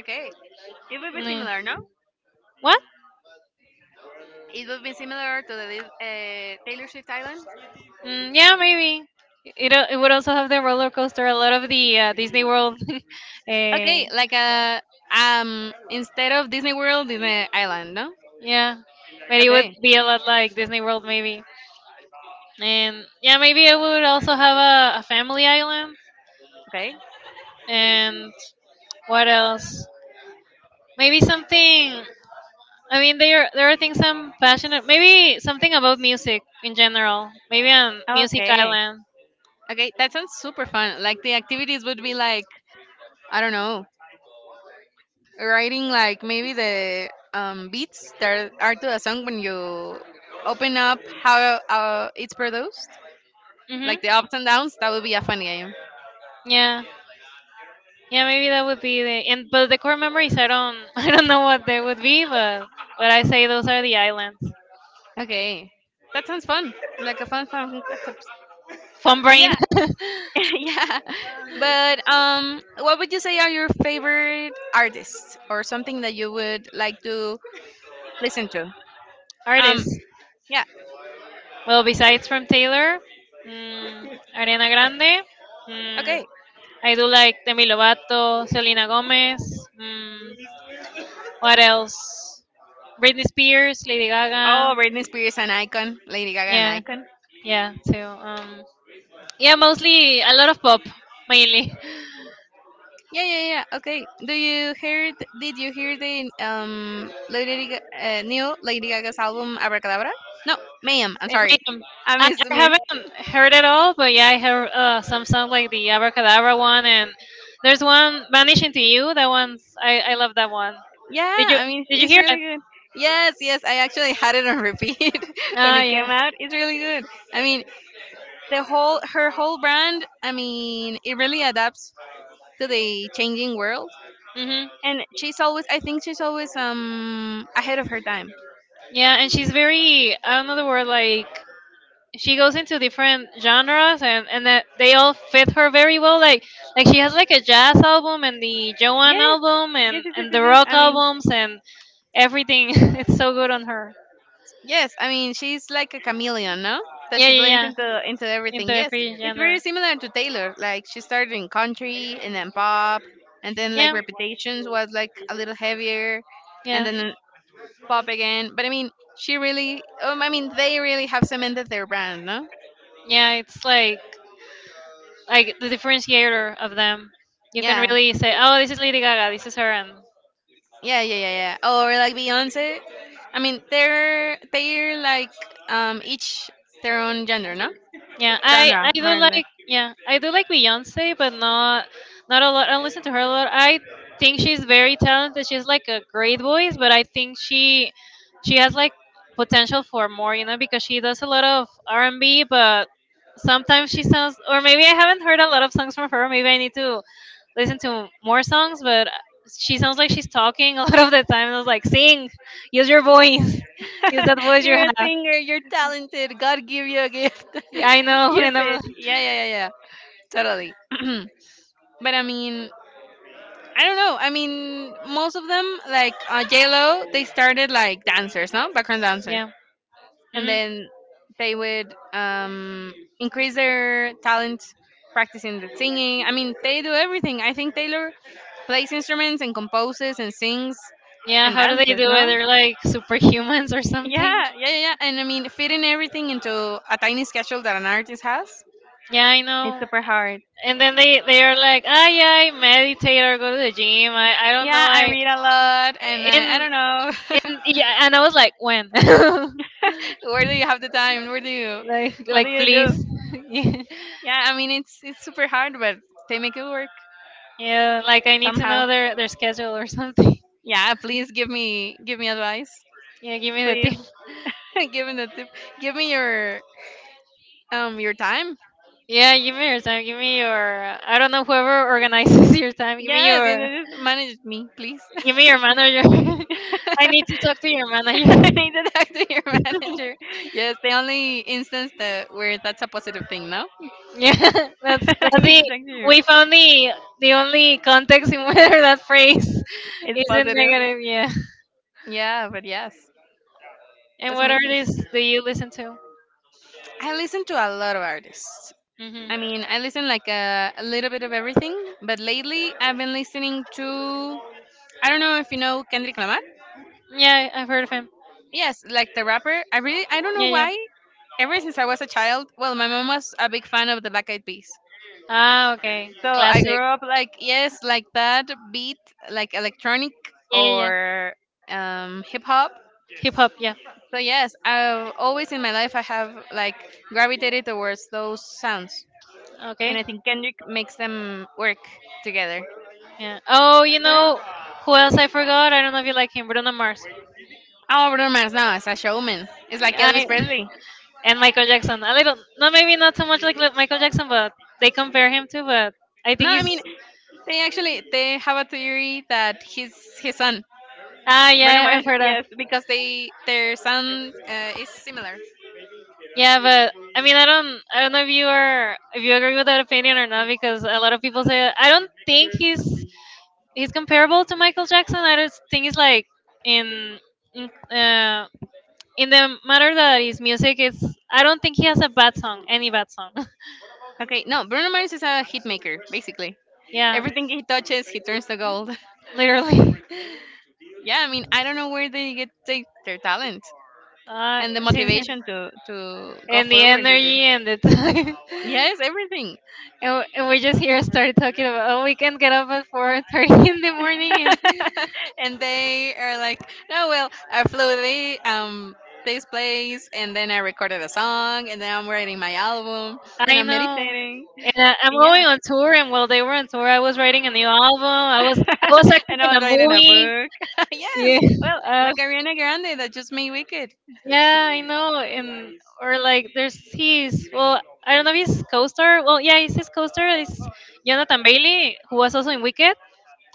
Speaker 2: Okay, it would be
Speaker 1: mm.
Speaker 2: similar, no?
Speaker 1: What?
Speaker 2: It would be similar to the Taylor Swift Island.
Speaker 1: Mm, yeah, maybe. It would also have the roller coaster. A lot of the Disney World, uh,
Speaker 2: Okay, like a instead of Disney World, Disney Island, no?
Speaker 1: yeah, but it would
Speaker 2: Okay.
Speaker 1: be a lot like Disney World maybe. And yeah, maybe I would also have a family island.
Speaker 2: Okay.
Speaker 1: And what else? Maybe something. I mean, there are things I'm passionate. Maybe something about music in general. Maybe a music
Speaker 2: Okay.
Speaker 1: island.
Speaker 2: Okay, that sounds super fun. Like the activities would be like I don't know, writing like maybe the beats that are to a song when you open up how it's produced,
Speaker 1: Mhm.
Speaker 2: like the ups and downs. That would be a fun game.
Speaker 1: Yeah. Yeah, maybe that would be the and but the core memories I don't I don't know what they would be, but I say those are the islands.
Speaker 2: Okay, that sounds fun. Like a fun, fun concept.
Speaker 1: Fun
Speaker 2: But
Speaker 1: brain
Speaker 2: yeah, yeah. But what would you say are your favorite artists or something that you would like to listen to? Um,
Speaker 1: artists.
Speaker 2: yeah.
Speaker 1: Well, besides from Taylor, mm, Ariana Grande, mm,
Speaker 2: Okay.
Speaker 1: I do like Demi Lovato, Selena Gomez. Mm, what else? Britney Spears, Lady Gaga.
Speaker 2: Oh, Britney Spears an icon, Lady Gaga an
Speaker 1: Yeah,
Speaker 2: icon.
Speaker 1: yeah. Too. Yeah, mostly a lot of pop mainly.
Speaker 2: Yeah, yeah, yeah. Okay. Do you hear? Th- Did you hear the new Lady Gaga's album Abracadabra? No, ma'am. I'm
Speaker 1: It may,
Speaker 2: sorry. I
Speaker 1: I,
Speaker 2: miss
Speaker 1: I
Speaker 2: miss.
Speaker 1: haven't heard it all, but yeah, I heard some songs like the Abracadabra one, and there's one Vanishing to You. That one's I love that one.
Speaker 2: Yeah,
Speaker 1: Did you
Speaker 2: I mean
Speaker 1: did you
Speaker 2: it's
Speaker 1: hear
Speaker 2: really
Speaker 1: it?
Speaker 2: good. Yes, yes. I actually had it on repeat when
Speaker 1: Ah,
Speaker 2: it
Speaker 1: yeah.
Speaker 2: came out. It's really good. I mean, the whole her whole brand, I mean, it really adapts to the changing world,
Speaker 1: Mhm.
Speaker 2: and she's always, I think, she's always ahead of her time.
Speaker 1: Yeah, and she's very I don't know the word like she goes into different genres and that they all fit her very well. Like she has like a jazz album and the
Speaker 2: Yeah,
Speaker 1: Joanne album and
Speaker 2: yes, yes, yes, yes,
Speaker 1: the
Speaker 2: yes.
Speaker 1: rock
Speaker 2: I mean,
Speaker 1: albums and everything. It's so good on her.
Speaker 2: yes. I mean, she's like a chameleon, no? That
Speaker 1: Yeah,
Speaker 2: she
Speaker 1: yeah,
Speaker 2: blends
Speaker 1: yeah.
Speaker 2: into
Speaker 1: Into
Speaker 2: everything.
Speaker 1: the
Speaker 2: Yes.
Speaker 1: free
Speaker 2: It's very
Speaker 1: gender.
Speaker 2: similar to Taylor. Like she started in country and then pop, and then like
Speaker 1: Yeah.
Speaker 2: reputations was like a little heavier, and
Speaker 1: Yeah.
Speaker 2: then pop again. But I mean, she really I mean, they really have cemented their brand, no?
Speaker 1: Yeah, it's like the differentiator of them. You can
Speaker 2: Yeah.
Speaker 1: really say, "Oh, this is Lady Gaga. This is her," and
Speaker 2: Yeah, yeah, yeah, yeah. Or like Beyonce. I mean, they're like each their own gender, no?
Speaker 1: yeah, I
Speaker 2: Genre,
Speaker 1: do
Speaker 2: more or less.
Speaker 1: like yeah I do like Beyonce, but not not a lot. I don't listen to her a lot. I think she's very talented. She's like a great voice, but I think she has like potential for more, you know, because she does a lot of R and B, but sometimes she sounds or maybe I haven't heard a lot of songs from her. Maybe I need to listen to more songs, but she sounds like she's talking a lot of the time. And I was like, sing, use your voice, use that voice you
Speaker 2: you're a
Speaker 1: have.
Speaker 2: singer. You're talented. God give you a gift.
Speaker 1: Yeah, I know,
Speaker 2: Use
Speaker 1: and I'm. Like,
Speaker 2: it. Yeah, yeah, yeah, yeah. Totally. but I mean, I don't know. I mean, most of them, like J Lo, they started like dancers, no? Background dancers.
Speaker 1: yeah.
Speaker 2: And
Speaker 1: Hmm.
Speaker 2: then they would increase their talent practicing the singing. I mean, they do everything. I think Taylor plays instruments and composes and sings
Speaker 1: Yeah.
Speaker 2: and
Speaker 1: How do they
Speaker 2: dances,
Speaker 1: do it?
Speaker 2: no?
Speaker 1: They're like superhumans or
Speaker 2: Yeah,
Speaker 1: something.
Speaker 2: yeah, yeah, yeah. And I mean, fitting everything into a tiny schedule that an artist has,
Speaker 1: Yeah, I
Speaker 2: it's
Speaker 1: know.
Speaker 2: super hard.
Speaker 1: And then they are like, ah, yeah, I meditate or go to the gym. I don't know.
Speaker 2: Yeah, I
Speaker 1: I
Speaker 2: read a lot, and I
Speaker 1: in
Speaker 2: don't
Speaker 1: in
Speaker 2: know.
Speaker 1: yeah. And I was like, when?
Speaker 2: Where do you have the time?
Speaker 1: like
Speaker 2: What
Speaker 1: like
Speaker 2: do you do?
Speaker 1: please. Yeah.
Speaker 2: Yeah, I mean, it's super hard, but they make it work
Speaker 1: Yeah. Like I need to know
Speaker 2: somehow.
Speaker 1: their schedule or something.
Speaker 2: Yeah, please give me advice.
Speaker 1: Yeah. Give me the
Speaker 2: Please
Speaker 1: tip.
Speaker 2: give me the tip. Give me your time.
Speaker 1: Yeah, give me your time. Give me your. I don't know whoever organizes your time. Give me
Speaker 2: Yes,
Speaker 1: your.
Speaker 2: just manage me, please.
Speaker 1: Give me your manager. I need to talk to your manager.
Speaker 2: I need to talk to your manager. Yes, the only instance that where that's a positive thing, no?
Speaker 1: Yeah,
Speaker 2: I
Speaker 1: that's
Speaker 2: need to
Speaker 1: the
Speaker 2: talk to you.
Speaker 1: we found the only context in whether that phrase
Speaker 2: It's
Speaker 1: isn't
Speaker 2: positive.
Speaker 1: negative. Yeah.
Speaker 2: Yeah, but yes,
Speaker 1: And
Speaker 2: that's
Speaker 1: what
Speaker 2: amazing.
Speaker 1: artists do you listen to?
Speaker 2: I listen to a lot of artists.
Speaker 1: Hmm.
Speaker 2: I mean, I listen like a little bit of everything, but lately I've been listening to, I don't know if you know Kendrick Lamar.
Speaker 1: Yeah, I've heard of him.
Speaker 2: Yes, like the rapper. I really, I don't know
Speaker 1: Yeah, yeah.
Speaker 2: why. Ever since I was a child, well, my mom was a big fan of the Black Eyed Peas.
Speaker 1: Ah, okay.
Speaker 2: So I grew
Speaker 1: Classic.
Speaker 2: up like yes, like that beat, like electronic
Speaker 1: Yeah, yeah, yeah.
Speaker 2: or hip hop.
Speaker 1: Hip hop. Yeah.
Speaker 2: So yes, I've always in my life I have like gravitated towards those sounds, and
Speaker 1: Okay.
Speaker 2: I think Kendrick makes them work together.
Speaker 1: Yeah. Oh, you
Speaker 2: So yeah.
Speaker 1: know who else I forgot? I don't know if you like him. Bruno Mars.
Speaker 2: Oh, Bruno Mars now is a showman. It's like Elvis
Speaker 1: I
Speaker 2: Presley.
Speaker 1: and Michael Jackson. A little, not maybe not so much like li- Michael Jackson, but they compare him to. But I
Speaker 2: No,
Speaker 1: think
Speaker 2: I
Speaker 1: he's
Speaker 2: mean they actually they have a theory that he's his son.
Speaker 1: ah,
Speaker 2: Bruno
Speaker 1: yeah, I've
Speaker 2: Mars,
Speaker 1: heard that.
Speaker 2: yes, because they their sound is similar.
Speaker 1: Yeah. But I mean, I don't know if you are, if you agree with that opinion or not, because a lot of people say I don't think he's comparable to Michael Jackson. I just think he's like in in, uh, in the matter that his music is. I don't think he has a bad song, any bad song.
Speaker 2: Okay, no, Bruno Mars is a hit maker basically.
Speaker 1: Yeah.
Speaker 2: Everything he touches, he turns to gold.
Speaker 1: Literally.
Speaker 2: yeah, I mean, I don't know where they get their talent and the
Speaker 1: Since it's-
Speaker 2: motivation to go
Speaker 1: and the
Speaker 2: forward with it.
Speaker 1: energy and the time.
Speaker 2: Yes, everything.
Speaker 1: And, w- and we just here started talking about oh we can get up at 4:30 in the morning and
Speaker 2: and they are like, no, well, I flew the this place, and then I recorded a song, and then I'm writing my album, and
Speaker 1: I
Speaker 2: I'm
Speaker 1: know.
Speaker 2: meditating,
Speaker 1: And I, I'm
Speaker 2: and yeah.
Speaker 1: going on tour, and while they were on tour, I was writing a new album. I was acting
Speaker 2: and I
Speaker 1: in a
Speaker 2: was writing a
Speaker 1: movie.
Speaker 2: book. yes.
Speaker 1: Yeah,
Speaker 2: Well,
Speaker 1: Uh,
Speaker 2: like Ariana Grande that just made Wicked.
Speaker 1: yeah, I know. And or like there's his well, I don't know if he's co-star. Well, yeah, he's his co-star. It's Jonathan Bailey, who was also in Wicked.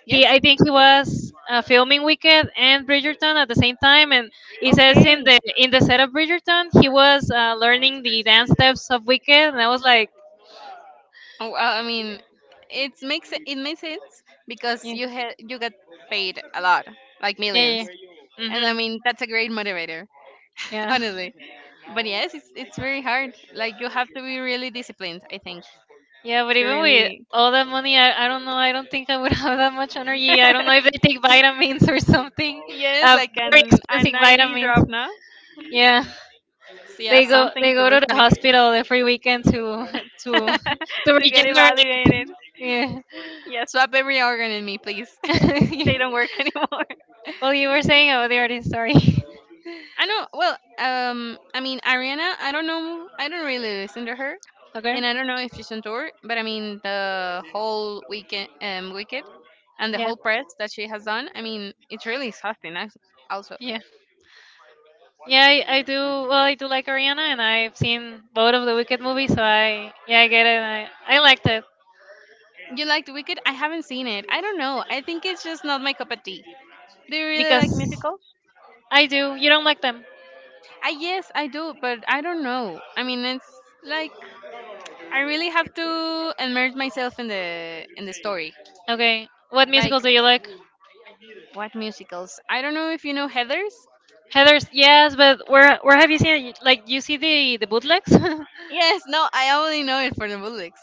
Speaker 1: He,
Speaker 2: Yes.
Speaker 1: I think he was filming Wicked and Bridgerton at the same time, and he says
Speaker 2: Okay.
Speaker 1: in the set of Bridgerton, he was learning the dance steps of Wicked, and I was like,
Speaker 2: Oh, I mean, it makes sense because
Speaker 1: yeah,
Speaker 2: you got paid a lot, like
Speaker 1: yeah, yeah.
Speaker 2: millions,
Speaker 1: Yeah.
Speaker 2: and I
Speaker 1: Mm-hmm.
Speaker 2: mean that's a great motivator,
Speaker 1: Yeah.
Speaker 2: honestly. But yes, it's very hard. Like you have to be really disciplined, I think,
Speaker 1: Yeah, but
Speaker 2: to
Speaker 1: even with
Speaker 2: really.
Speaker 1: all that money, I don't know. I don't think I would have that much energy. I don't know if they take vitamins or something.
Speaker 2: yes,
Speaker 1: Uh,
Speaker 2: like
Speaker 1: very
Speaker 2: an
Speaker 1: expensive
Speaker 2: an IV
Speaker 1: vitamins.
Speaker 2: drop, now.
Speaker 1: Yeah,
Speaker 2: So, yeah, something
Speaker 1: they
Speaker 2: to
Speaker 1: go to
Speaker 2: with
Speaker 1: the
Speaker 2: me
Speaker 1: hospital every weekend to to
Speaker 2: to get
Speaker 1: regenerate.
Speaker 2: evaluated.
Speaker 1: Yeah.
Speaker 2: Yeah, swap every organ in me, please. they don't work anymore.
Speaker 1: Well, you were saying about the artist. Sorry.
Speaker 2: I know. Well, I mean, Ariana, I don't know. I don't really listen to her,
Speaker 1: Okay.
Speaker 2: and I don't know if she's on tour. But I mean, the whole weekend, wicked, and the
Speaker 1: Yeah.
Speaker 2: whole press that she has done. I mean, it's really exhausting. Also,
Speaker 1: Yeah. Yeah, I do. Well, I do like Ariana, and I've seen both of the Wicked movies, so I yeah, I get it. I liked it
Speaker 2: you liked Wicked? I haven't seen it. I don't know. I think it's just not my cup of tea. Do you really like
Speaker 1: because
Speaker 2: musicals?
Speaker 1: I do. You don't like them.
Speaker 2: I Yes, I do, but I don't know. I mean, it's like I really have to immerse myself in the story.
Speaker 1: Okay. What musicals
Speaker 2: Like
Speaker 1: do you like?
Speaker 2: what musicals? I don't know if you know Heather's.
Speaker 1: Heather's, yes, but where have you seen it? Like you see the bootlegs?
Speaker 2: Yes, no, I only know it for the Bullocks.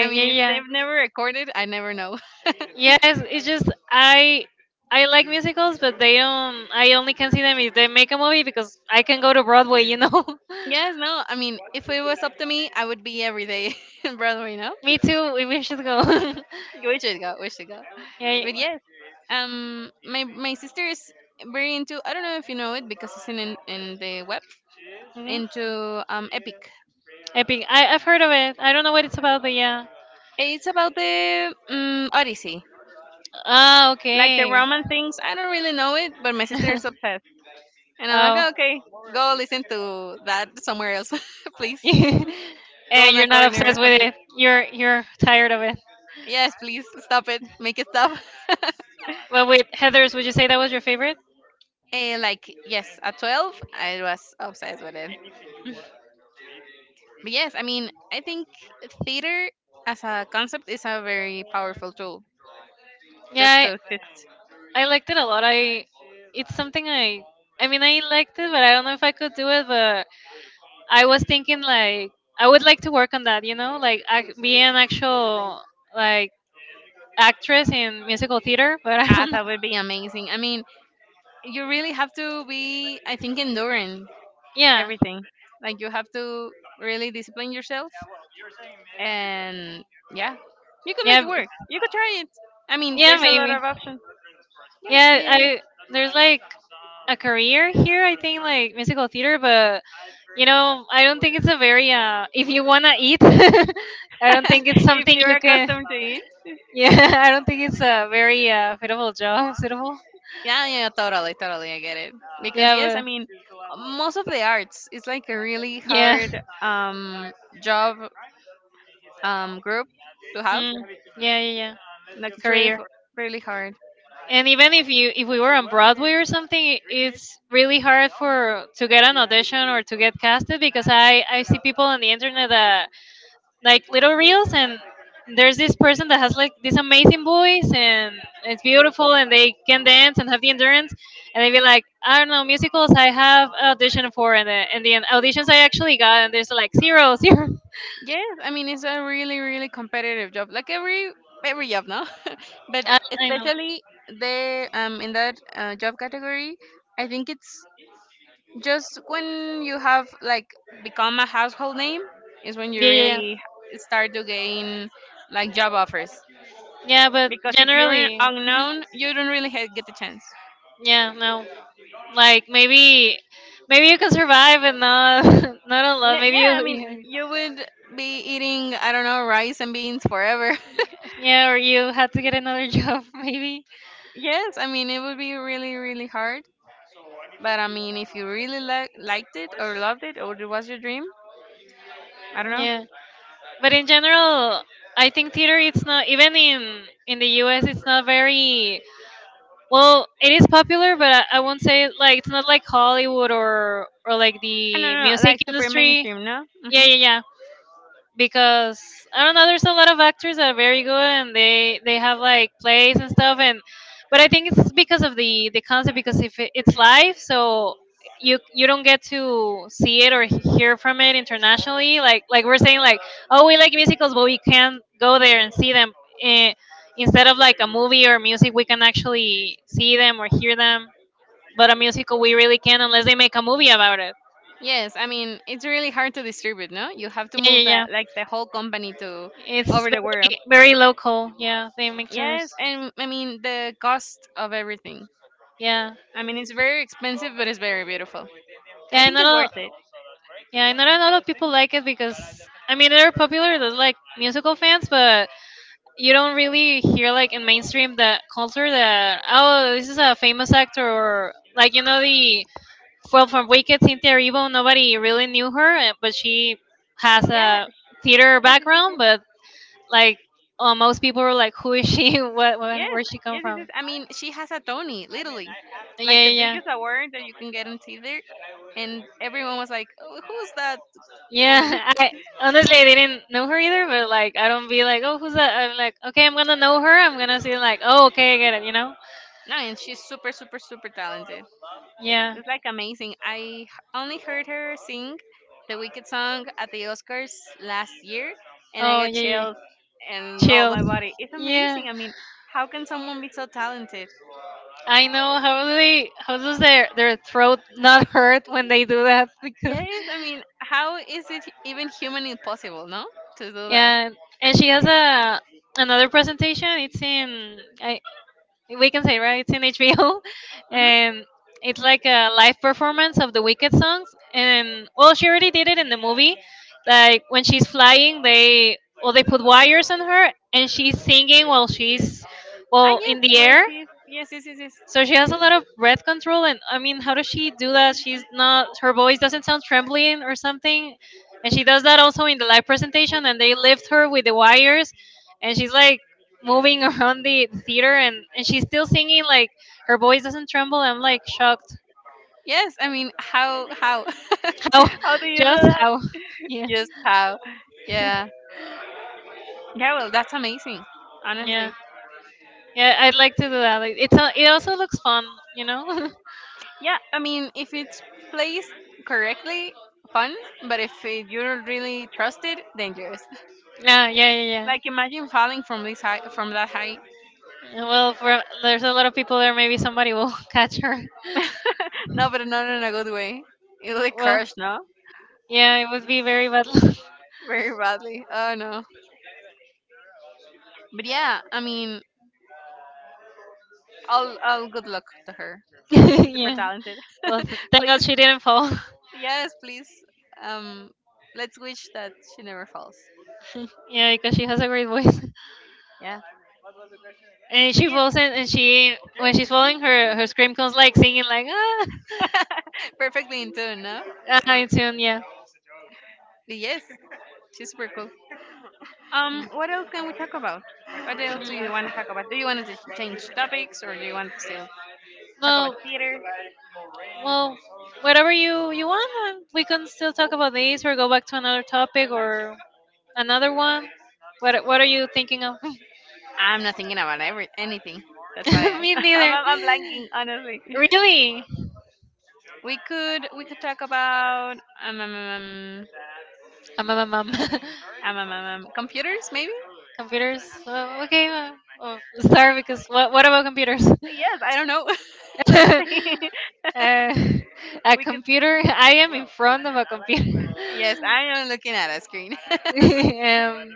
Speaker 2: I mean,
Speaker 1: yeah,
Speaker 2: if
Speaker 1: yeah.
Speaker 2: they've never recorded, I never know.
Speaker 1: Yes, it's just I like musicals, but they don't. I only can see them if they make a movie because I can go to Broadway, you know.
Speaker 2: Yes, no, I mean, if it was up to me, I would be every day in Broadway, no?
Speaker 1: Me too. We should go.
Speaker 2: We should go, we should go.
Speaker 1: Yeah.
Speaker 2: But yes, my sister is very into. I don't know if you know it because it's in the web
Speaker 1: Mhm.
Speaker 2: into Epic.
Speaker 1: Epic. I've heard of it. I don't know what it's about, but yeah.
Speaker 2: It's about the Odyssey,
Speaker 1: Ah,
Speaker 2: like the
Speaker 1: okay.
Speaker 2: Roman things. I don't really know it, but my sister is obsessed. And I'm
Speaker 1: Oh.
Speaker 2: like, okay, go listen to that somewhere else, please. Go
Speaker 1: And
Speaker 2: in a
Speaker 1: you're not
Speaker 2: corner or
Speaker 1: obsessed with
Speaker 2: something.
Speaker 1: it. You're tired of it.
Speaker 2: Yes, please stop it. Make it stop.
Speaker 1: Well, wait, Heather's, would you say that was your favorite?
Speaker 2: And like, yes, at 12, I was obsessed with it. But yes, I mean, I think theater as a concept is a very powerful tool just
Speaker 1: Yeah,
Speaker 2: to exist.
Speaker 1: I liked it a lot. I it's something I mean, I liked it, but I don't know if I could do it. But I was thinking like I would like to work on that, you know, like ac- be an actual like actress in musical theater. But I
Speaker 2: Ah,
Speaker 1: don't know.
Speaker 2: that would be amazing. I mean, you really have to be, I think, enduring
Speaker 1: Yeah,
Speaker 2: everything. Like, you have to really discipline yourself and yeah, you could make
Speaker 1: yeah,
Speaker 2: it work. You could try it. I mean,
Speaker 1: yeah,
Speaker 2: there's a lot
Speaker 1: maybe.
Speaker 2: of options. Yeah,
Speaker 1: Yeah,
Speaker 2: yeah, yeah,
Speaker 1: I there's like a career here. I think like musical theater, but you know, I don't think it's a very. If you wanna eat, I don't
Speaker 2: yeah.
Speaker 1: think it's
Speaker 2: if
Speaker 1: something
Speaker 2: you're
Speaker 1: you can.
Speaker 2: accustomed to it.
Speaker 1: Yeah, I don't think it's a very suitable job. Suitable.
Speaker 2: Yeah, yeah, totally, totally. I get it. Because
Speaker 1: Yeah,
Speaker 2: yes, I
Speaker 1: well,
Speaker 2: mean, most of the arts is like a really
Speaker 1: yeah.
Speaker 2: hard job group to have.
Speaker 1: Mm, yeah, yeah, yeah.
Speaker 2: Like
Speaker 1: Career.
Speaker 2: really hard.
Speaker 1: And even if you if we were on Broadway or something, it's really hard for to get an audition or to get casted because I see people on the internet that like little reels and there's this person that has like this amazing voice and it's beautiful and they can dance and have the endurance and they be like I don't know musicals I have auditioned for and the auditions I actually got and there's like zero zero
Speaker 2: Yes, I mean it's a really really competitive job. Like every job now, but
Speaker 1: I know
Speaker 2: especially the in that job category, I think it's just when you have like become a household name is when you
Speaker 1: yeah, yeah, yeah
Speaker 2: really start to gain like job offers,
Speaker 1: yeah but
Speaker 2: because if you're
Speaker 1: generally mhm.
Speaker 2: unknown you don't really get the chance.
Speaker 1: Yeah no like maybe maybe you can survive and not not a lot maybe
Speaker 2: Yeah,
Speaker 1: you
Speaker 2: I mean
Speaker 1: you-
Speaker 2: you would be eating, I don't know, rice and beans forever.
Speaker 1: yeah or you had to get another job maybe
Speaker 2: yes, I mean it would be really really hard, but I mean if you really liked it or loved it or it was your dream. i don't know
Speaker 1: yeah. But in general, I think theater it's not even in the US it's not very well it is popular but I won't say like it's not like Hollywood or like
Speaker 2: I don't
Speaker 1: the
Speaker 2: know,
Speaker 1: music
Speaker 2: like super
Speaker 1: industry.
Speaker 2: mainstream, no?
Speaker 1: Yeah,
Speaker 2: Mm-hmm.
Speaker 1: yeah, yeah because I don't know. There's a lot of actors that are very good, and they have like plays and stuff. And but I think it's because of the concept because if it, it's live, so you don't get to see it or he- hear from it internationally. Like we're saying, like oh we like musicals, but we can't go there and see them. Eh, instead of like a movie or music, we can actually see them or hear them. But a musical, we really can unless they make a movie about it.
Speaker 2: Yes, I mean it's really hard to distribute, no? You have to
Speaker 1: Yeah, yeah,
Speaker 2: move
Speaker 1: yeah.
Speaker 2: that like the whole company to
Speaker 1: It's
Speaker 2: over the world.
Speaker 1: very very local. Yeah, they make
Speaker 2: Yes,
Speaker 1: tours.
Speaker 2: and I mean the cost of everything.
Speaker 1: Yeah,
Speaker 2: I mean it's very expensive, but it's very beautiful. I
Speaker 1: yeah.
Speaker 2: think
Speaker 1: Not
Speaker 2: it's
Speaker 1: a
Speaker 2: worth it.
Speaker 1: yeah. Not a lot of people like it because I mean they're popular. They're like musical fans, but you don't really hear like in mainstream that culture that oh this is a famous actor or like you know the well from Wicked Cynthia Erivo. Nobody really knew her, eh, but she has
Speaker 2: Yes,
Speaker 1: a theater
Speaker 2: yes, yes, yes,
Speaker 1: background.
Speaker 2: yes,
Speaker 1: But like most people were like, who is she? what,
Speaker 2: yes,
Speaker 1: what where she come
Speaker 2: yes, yes, yes.
Speaker 1: from?
Speaker 2: I mean she has a Tony, literally,
Speaker 1: Yeah,
Speaker 2: like the
Speaker 1: yeah, yeah.
Speaker 2: biggest award that you can get on Tinder, and everyone was like, oh, "Who's that
Speaker 1: Yeah,
Speaker 2: woman?"
Speaker 1: I honestly I didn't know her either, but like I don't be like, oh, who's that? I'm like, okay, I'm gonna know her. I'm gonna see like, oh, okay, I get it, you know?
Speaker 2: no, and she's super, super, super talented.
Speaker 1: Yeah.
Speaker 2: It's like amazing. I only heard her sing the Wicked song at the Oscars last year, and I
Speaker 1: Oh,
Speaker 2: got
Speaker 1: yeah, yeah.
Speaker 2: chills and all
Speaker 1: Chills.
Speaker 2: my body. It's
Speaker 1: Yeah.
Speaker 2: amazing. I mean, how can someone be so talented?
Speaker 1: I know, how do they how does their throat not hurt when they do that? Because
Speaker 2: Yes, I mean, how is it even humanly possible, no, to do that?
Speaker 1: yeah, and she has a another presentation. It's in, I we can say, right. It's in HBO,
Speaker 2: Hmm.
Speaker 1: and it's like a live performance of the Wicked songs. And well, she already did it in the movie. Like when she's flying, they, well they put wires on her, and she's singing while she's,
Speaker 2: Ah,
Speaker 1: well,
Speaker 2: yes,
Speaker 1: in the
Speaker 2: where
Speaker 1: air.
Speaker 2: she's yes, yes, yes, yes.
Speaker 1: So she has a lot of breath control, and I mean, how does she do that? She's not, her voice doesn't sound trembling or something, and she does that also in the live presentation. And they lift her with the wires, and she's like moving around the theater, and she's still singing like her voice doesn't tremble. I'm like shocked.
Speaker 2: Yes, I mean,
Speaker 1: How,
Speaker 2: how do you do
Speaker 1: just
Speaker 2: that?
Speaker 1: how? Yeah,
Speaker 2: Just how? Yeah, yeah. Well, that's amazing,
Speaker 1: yeah,
Speaker 2: honestly.
Speaker 1: yeah. I'd like to do that. Like, it's a, it also looks fun, you know.
Speaker 2: Yeah, I mean, if it's placed correctly, fun. But if it, you don't really trust it, dangerous.
Speaker 1: Yeah, yeah, yeah.
Speaker 2: Like imagine falling from this high, from that height.
Speaker 1: Well, for, there's a lot of people there. Maybe somebody will catch her.
Speaker 2: No, but not in a good way. It will
Speaker 1: Well,
Speaker 2: crash, no,
Speaker 1: yeah, it would be very bad luck.
Speaker 2: very badly. Oh no. But yeah, I mean, all good luck to her. She's super
Speaker 1: Yeah.
Speaker 2: talented.
Speaker 1: Well, thank God
Speaker 2: Please,
Speaker 1: she didn't fall.
Speaker 2: yes, please. Um, let's wish that she never falls.
Speaker 1: Yeah, because she has a great voice.
Speaker 2: Yeah,
Speaker 1: And
Speaker 2: but
Speaker 1: she
Speaker 2: yes,
Speaker 1: falls in, and she, when she's falling, her scream comes like singing like, ah.
Speaker 2: perfectly in tune, no?
Speaker 1: Ah, in tune. Yeah.
Speaker 2: But yes, she's super cool. What else can we talk about? What else do you
Speaker 1: Mm.
Speaker 2: want to talk about? Do you want to just change topics, or do you want to still talk about
Speaker 1: Well.
Speaker 2: theater?
Speaker 1: Well, whatever you want, we can still talk about these, or go back to another topic or another one. What are you thinking of?
Speaker 2: I'm not thinking about every anything. That's why
Speaker 1: Me
Speaker 2: I'm,
Speaker 1: neither.
Speaker 2: I'm I'm blanking honestly.
Speaker 1: Really?
Speaker 2: We could talk about um, um, um,
Speaker 1: Very
Speaker 2: um, um, um, computers maybe.
Speaker 1: computers. Uh, okay, uh, oh, sorry, because what about computers?
Speaker 2: Yes, I don't know. That's the thing.
Speaker 1: uh, a
Speaker 2: We could
Speaker 1: computer. I am in front of a computer.
Speaker 2: Yes, I am looking at a screen.
Speaker 1: um,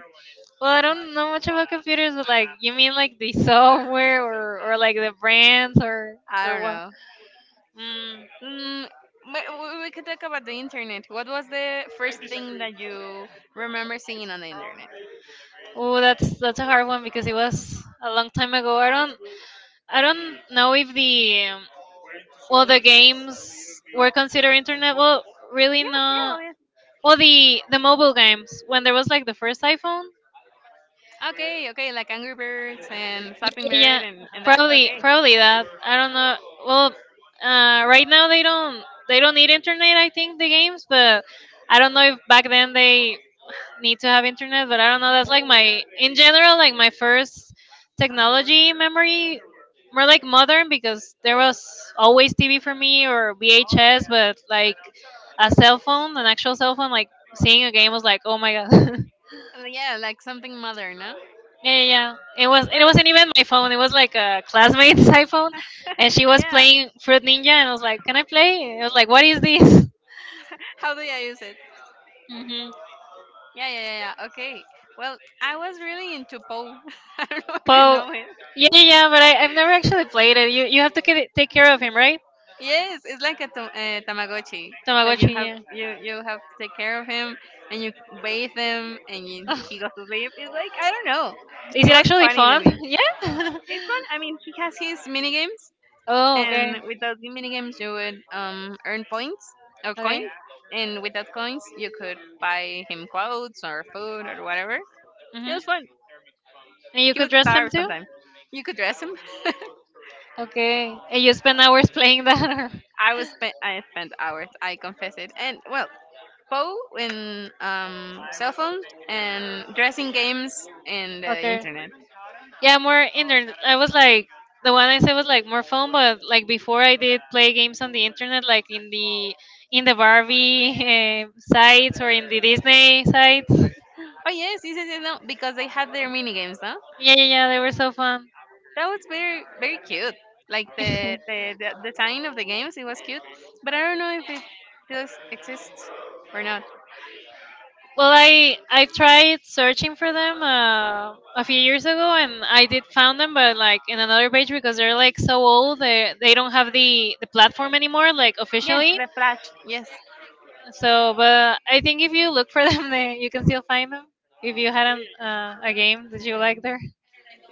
Speaker 1: well, I don't know much about computers, but like you mean like the software or like the brands
Speaker 2: I
Speaker 1: or
Speaker 2: don't
Speaker 1: what?
Speaker 2: know.
Speaker 1: Mm.
Speaker 2: Mm, but we could talk about the internet. What was the first thing that you remember seeing on the internet?
Speaker 1: Oh, that's a hard one because it was a long time ago. I don't know if the well, the games were considered internet. Well, really
Speaker 2: Yeah, yeah,
Speaker 1: not.
Speaker 2: well, yeah.
Speaker 1: Well, the mobile games when there was like the first iPhone.
Speaker 2: Okay, okay, like Angry Birds and Flapping Bird
Speaker 1: Yeah, yeah.
Speaker 2: and that?
Speaker 1: probably
Speaker 2: Okay.
Speaker 1: probably that. I don't know. Well, right now they don't need internet. I think the games, but I don't know if back then they need to have internet, but I don't know. That's like my, in general, like my first technology memory, more like modern because there was always TV for me or VHS, but like a cell phone, an actual cell phone, like seeing a game was like, oh my god.
Speaker 2: Yeah, like something modern, no?
Speaker 1: Yeah, yeah, yeah. It was. It
Speaker 2: Well,
Speaker 1: wasn't even my phone. It was like a classmate's iPhone, and she was
Speaker 2: yeah.
Speaker 1: playing Fruit Ninja, and I was like, can I play? And it was like, what is this?
Speaker 2: How do I use it?
Speaker 1: Hmm.
Speaker 2: Yeah, yeah, yeah, yeah. Okay. Well, I was really into Poe. I don't know if you
Speaker 1: Po.
Speaker 2: know it.
Speaker 1: Yeah, yeah, yeah, but I've never actually played it. You have to take care of him, right?
Speaker 2: Yes, it's like a Tamagotchi that you
Speaker 1: Tamagotchi,
Speaker 2: have
Speaker 1: yeah.
Speaker 2: you you have to take care of him and you bathe him and he goes to sleep. It's like I don't know.
Speaker 1: Is
Speaker 2: It
Speaker 1: it
Speaker 2: was
Speaker 1: actually
Speaker 2: funny to
Speaker 1: fun?
Speaker 2: me.
Speaker 1: Yeah.
Speaker 2: It's fun. I mean, he has his mini games.
Speaker 1: Oh, okay.
Speaker 2: And with those mini games, you would earn points or
Speaker 1: Okay.
Speaker 2: coins. And with that coins, you could buy him clothes or food or whatever. It
Speaker 1: Mm-hmm.
Speaker 2: was fun.
Speaker 1: And you
Speaker 2: He
Speaker 1: could
Speaker 2: would
Speaker 1: dress them
Speaker 2: starve
Speaker 1: too?
Speaker 2: sometimes. You could dress him.
Speaker 1: Okay. And you spend hours playing that? Or...
Speaker 2: I was spent. I spent hours. I confess it. And well, Poe in cell phones and dressing games and the
Speaker 1: Okay.
Speaker 2: internet.
Speaker 1: Yeah, more internet. I was like, the one I said was like more phone, but like before I did play games on the internet, like in the Barbie, eh, sites, or in the Disney sites.
Speaker 2: Oh yes, yes, yes, yes, no, because they had their mini games, no?
Speaker 1: Yeah, yeah, yeah. They were so fun.
Speaker 2: That was very very cute. Like the the the design of the games, it was cute, but I don't know if it still exists or not.
Speaker 1: Well, I tried searching for them a few years ago, and I did found them, but like in another page because they're like so old, they don't have the platform anymore, like
Speaker 2: Yes,
Speaker 1: officially.
Speaker 2: the Flash. Yes.
Speaker 1: So, but I think if you look for them, they, you can still find them. If you had an, a game that you like there,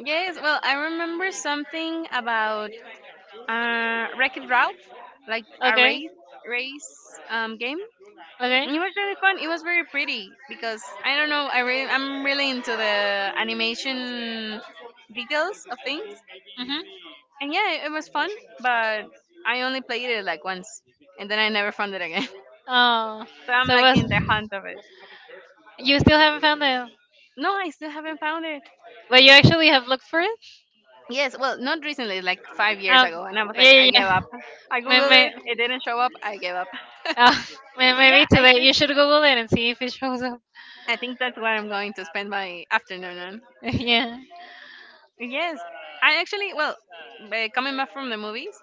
Speaker 2: Yes. Well, I remember something about Wreck-It Ralph, like a
Speaker 1: okay,
Speaker 2: race game.
Speaker 1: okay.
Speaker 2: It was really fun. It was very pretty because I don't know. I'm really into the animation details of things.
Speaker 1: Mhm.
Speaker 2: And yeah, it was fun, but I only played it like once, and then I never found it again.
Speaker 1: Oh,
Speaker 2: So I'm
Speaker 1: so
Speaker 2: like
Speaker 1: was,
Speaker 2: in the hunt of it.
Speaker 1: you still haven't found them,
Speaker 2: No, I still haven't found it.
Speaker 1: but you actually have looked for it?
Speaker 2: Yes, well, not recently, like 5 years
Speaker 1: Oh,
Speaker 2: ago, and I was
Speaker 1: yeah,
Speaker 2: like, I
Speaker 1: yeah, yeah.
Speaker 2: gave up. I
Speaker 1: Me,
Speaker 2: googled
Speaker 1: me.
Speaker 2: it, it didn't show up. I gave up.
Speaker 1: Oh,
Speaker 2: But yeah,
Speaker 1: maybe
Speaker 2: I
Speaker 1: today
Speaker 2: should.
Speaker 1: you should Google it and see if it shows up.
Speaker 2: I think that's what I'm going to spend my afternoon on.
Speaker 1: Yeah.
Speaker 2: Yes, I actually, well, coming back from the movies,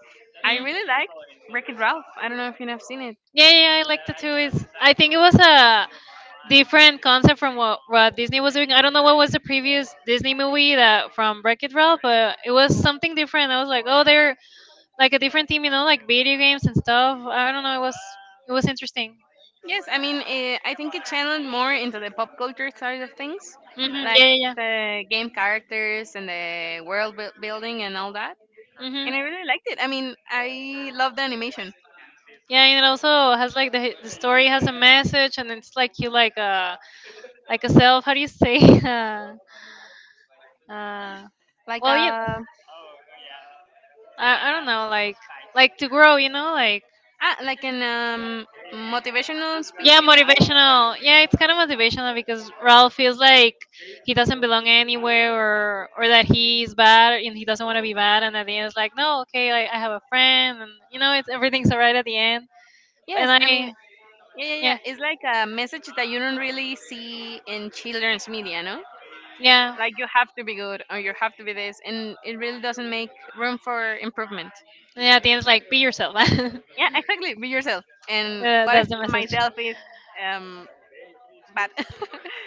Speaker 2: I
Speaker 1: Mm.
Speaker 2: really like Wreck It Ralph. I don't know if you have seen it.
Speaker 1: Yeah, yeah, I like the two. Is, I think it was a different concept from what Disney was doing. I don't know what was the previous Disney movie that from Wreck It Ralph, but it was something different. I was like, oh, they're like a different team, you know, like video games and stuff. I don't know. It was interesting.
Speaker 2: Yes, I mean, I think it channeled more into the pop culture side of things,
Speaker 1: Hmm.
Speaker 2: like
Speaker 1: Yeah, yeah, yeah.
Speaker 2: the game characters and the world building and all that. And
Speaker 1: Hmm.
Speaker 2: I really liked it. I mean, I love the animation,
Speaker 1: Yeah, and it also has like the story has a message, and it's like you, like a self. How do you say? Uh, uh,
Speaker 2: like
Speaker 1: well, you,
Speaker 2: a
Speaker 1: I don't know, like to grow, you know, like
Speaker 2: like an motivational speech,
Speaker 1: yeah,
Speaker 2: you would say.
Speaker 1: motivational. Yeah, it's kind of motivational because Ralph feels like he doesn't belong anywhere, or that he's bad and he doesn't want to be bad, and at the end it's like no, okay, like I have a friend, and you know, it's everything's alright at the end. And
Speaker 2: Yes, I mean,
Speaker 1: I
Speaker 2: yeah, yeah, yeah.
Speaker 1: Yeah,
Speaker 2: It's like a message that you don't really see in children's media, no?
Speaker 1: yeah,
Speaker 2: Like you have to be good or you have to be this, and it really doesn't make room for improvement.
Speaker 1: yeah, at the end it's like be yourself.
Speaker 2: Yeah, exactly. Be yourself. And what if
Speaker 1: That's the message.
Speaker 2: myself is um bad?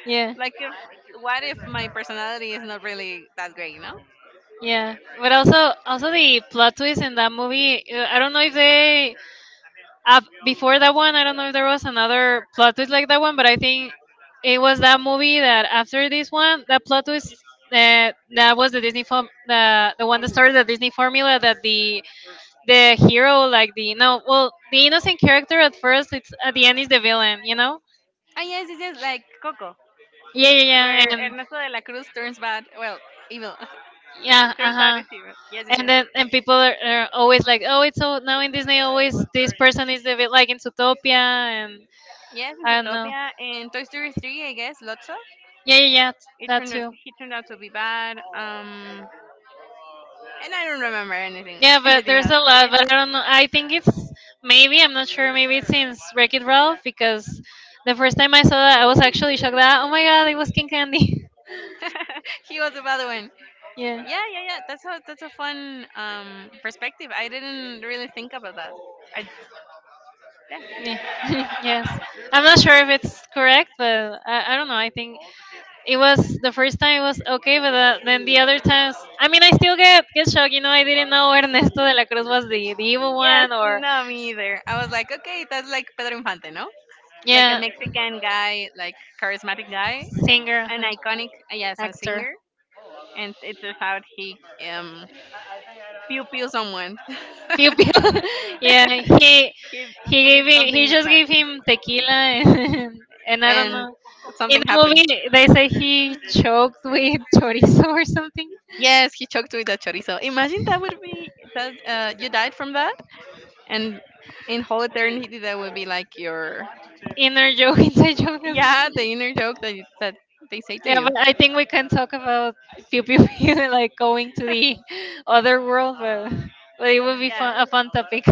Speaker 1: Yeah.
Speaker 2: like if What if my personality is not really that great, you know?
Speaker 1: Yeah, but also also the plot twist in that movie. I don't know if they before that one. I don't know if there was another plot twist like that one, but I think it was that movie that after this one, that plot twist that that was the Disney form the one that started the Disney formula that the hero, like the no, well, the innocent character at first, it's at the end is the villain, you know,
Speaker 2: Ah yes, yes, yes, like Coco,
Speaker 1: yeah yeah yeah
Speaker 2: where
Speaker 1: and
Speaker 2: Ernesto de la Cruz turns bad, well, evil.
Speaker 1: yeah, uh
Speaker 2: Turns out
Speaker 1: huh.
Speaker 2: is evil. Yes, yes,
Speaker 1: And
Speaker 2: yes.
Speaker 1: then, and people are always like, oh, it's so now in Disney always this person is a bit, like in Zootopia and
Speaker 2: Yes, in
Speaker 1: I don't know.
Speaker 2: Zootopia and Toy Story 3, I guess, Lotso.
Speaker 1: Yeah, yeah, yeah,
Speaker 2: It
Speaker 1: that
Speaker 2: turned out,
Speaker 1: too.
Speaker 2: he turned out to be bad. And I don't remember anything
Speaker 1: Yeah, but
Speaker 2: anything
Speaker 1: there's
Speaker 2: else.
Speaker 1: a
Speaker 2: But
Speaker 1: lot,
Speaker 2: yeah,
Speaker 1: but I don't know. I think it's maybe, I'm not sure. Maybe it's since Wreck It Ralph, because the first time I saw that, I was actually shocked that oh my god, it was King Candy.
Speaker 2: he was the bad one.
Speaker 1: Yeah.
Speaker 2: Yeah, yeah, yeah. That's a fun perspective. I didn't really think about that. I Yeah.
Speaker 1: Yeah. Yes. I'm not sure if it's correct, but I don't know. I think it was the first time it was okay, but then the other times, I mean, I still get shocked. You know, I didn't know Ernesto de la Cruz was the evil
Speaker 2: Yes,
Speaker 1: one or
Speaker 2: no, me either. I was like, okay, that's like Pedro Infante, no? Like a
Speaker 1: yeah,
Speaker 2: Mexican guy, like charismatic guy,
Speaker 1: singer,
Speaker 2: an iconic, yes, a
Speaker 1: actor.
Speaker 2: singer, and it's just how he um pew pew someone.
Speaker 1: Pew pew. Yeah, he
Speaker 2: he
Speaker 1: he
Speaker 2: he did
Speaker 1: gave him, he
Speaker 2: something
Speaker 1: just
Speaker 2: bad,
Speaker 1: gave him tequila and, and I don't
Speaker 2: and
Speaker 1: know. In
Speaker 2: something
Speaker 1: the
Speaker 2: happened.
Speaker 1: movie, they say he choked with chorizo or something.
Speaker 2: Yes, he choked with a chorizo. Imagine that would be that, you died from that, and in whole eternity that would be like your.
Speaker 1: Inner joke, inside joke, is-
Speaker 2: Yeah, the inner joke that they say to
Speaker 1: Yeah,
Speaker 2: you.
Speaker 1: but I think we can talk about pew pew pew, like going to the other world, but it would be
Speaker 2: Yeah,
Speaker 1: fun, a fun topic.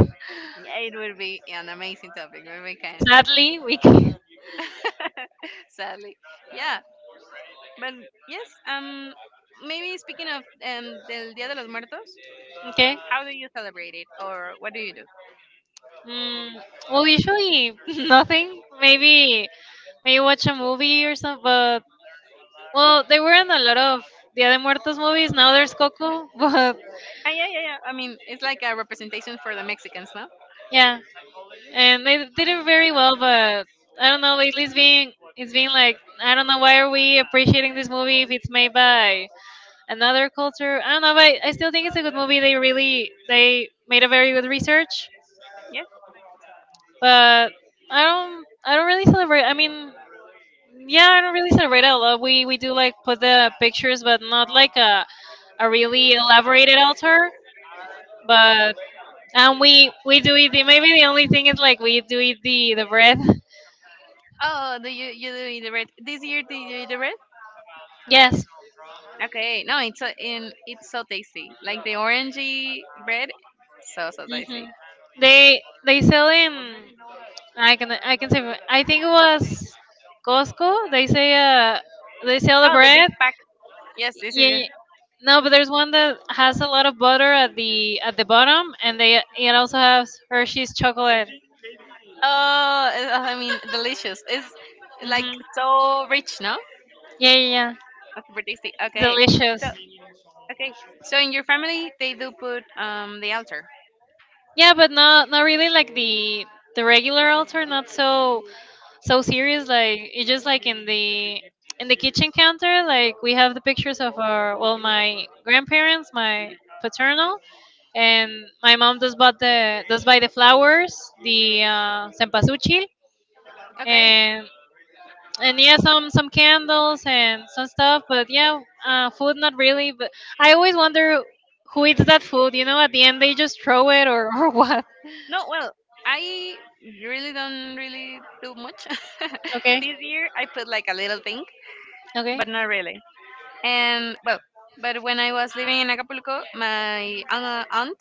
Speaker 2: yeah, it would be an amazing topic, when we can
Speaker 1: Sadly, we can.
Speaker 2: sadly, yeah, but yes. Maybe speaking of del Dia de los Muertos,
Speaker 1: Okay.
Speaker 2: how do you celebrate it, or what do you do?
Speaker 1: Mm, well, usually nothing. Maybe maybe watch a movie or something. But well, they were in a lot of Dia de Muertos movies. Now there's Coco, but
Speaker 2: Ah, yeah, yeah, yeah. I mean, it's like a representation for the Mexicans, no?
Speaker 1: yeah, and they did it very well. But I don't know. Lately, it's being like I don't know, why are we appreciating this movie if it's made by another culture. I don't know, but I still think it's a good movie. They made a very good research,
Speaker 2: Yeah.
Speaker 1: but I don't really celebrate. I mean, yeah, I don't really celebrate a lot. We do like put the pictures, but not like a really elaborated altar. But and we do eat the, maybe the only thing is like we do eat the bread.
Speaker 2: Oh, do you you do eat the red this year? Did you eat the red?
Speaker 1: Yes.
Speaker 2: Okay, no, it's so tasty, like the orangey bread, so so
Speaker 1: Hmm.
Speaker 2: tasty.
Speaker 1: They sell in, I can say I think it was Costco. They say they sell the
Speaker 2: Oh, the big
Speaker 1: bread.
Speaker 2: pack. Yes, this is.
Speaker 1: Yeah. Yeah. No, but there's one that has a lot of butter at the bottom, and they, it also has Hershey's chocolate.
Speaker 2: Oh, I mean, delicious. It's like
Speaker 1: Hmm.
Speaker 2: so rich, no?
Speaker 1: Yeah, yeah, yeah.
Speaker 2: That's super tasty. Okay. So,
Speaker 1: Delicious.
Speaker 2: okay. So in your family, they do put the altar.
Speaker 1: Yeah, but not not really like the regular altar, not so so serious. Like it's just like in the kitchen counter, like we have the pictures of our, well, my grandparents, my paternal, and my mom does buy the flowers, the cempasúchil,
Speaker 2: Okay.
Speaker 1: and and yeah, some candles and some stuff. But yeah, food not really. But I always wonder who eats that food. You know, at the end they just throw it or or what.
Speaker 2: No, well, I really don't really do much.
Speaker 1: Okay.
Speaker 2: This year, I put like a little thing,
Speaker 1: Okay.
Speaker 2: but not really. And well, but when I was living in Acapulco, my aunt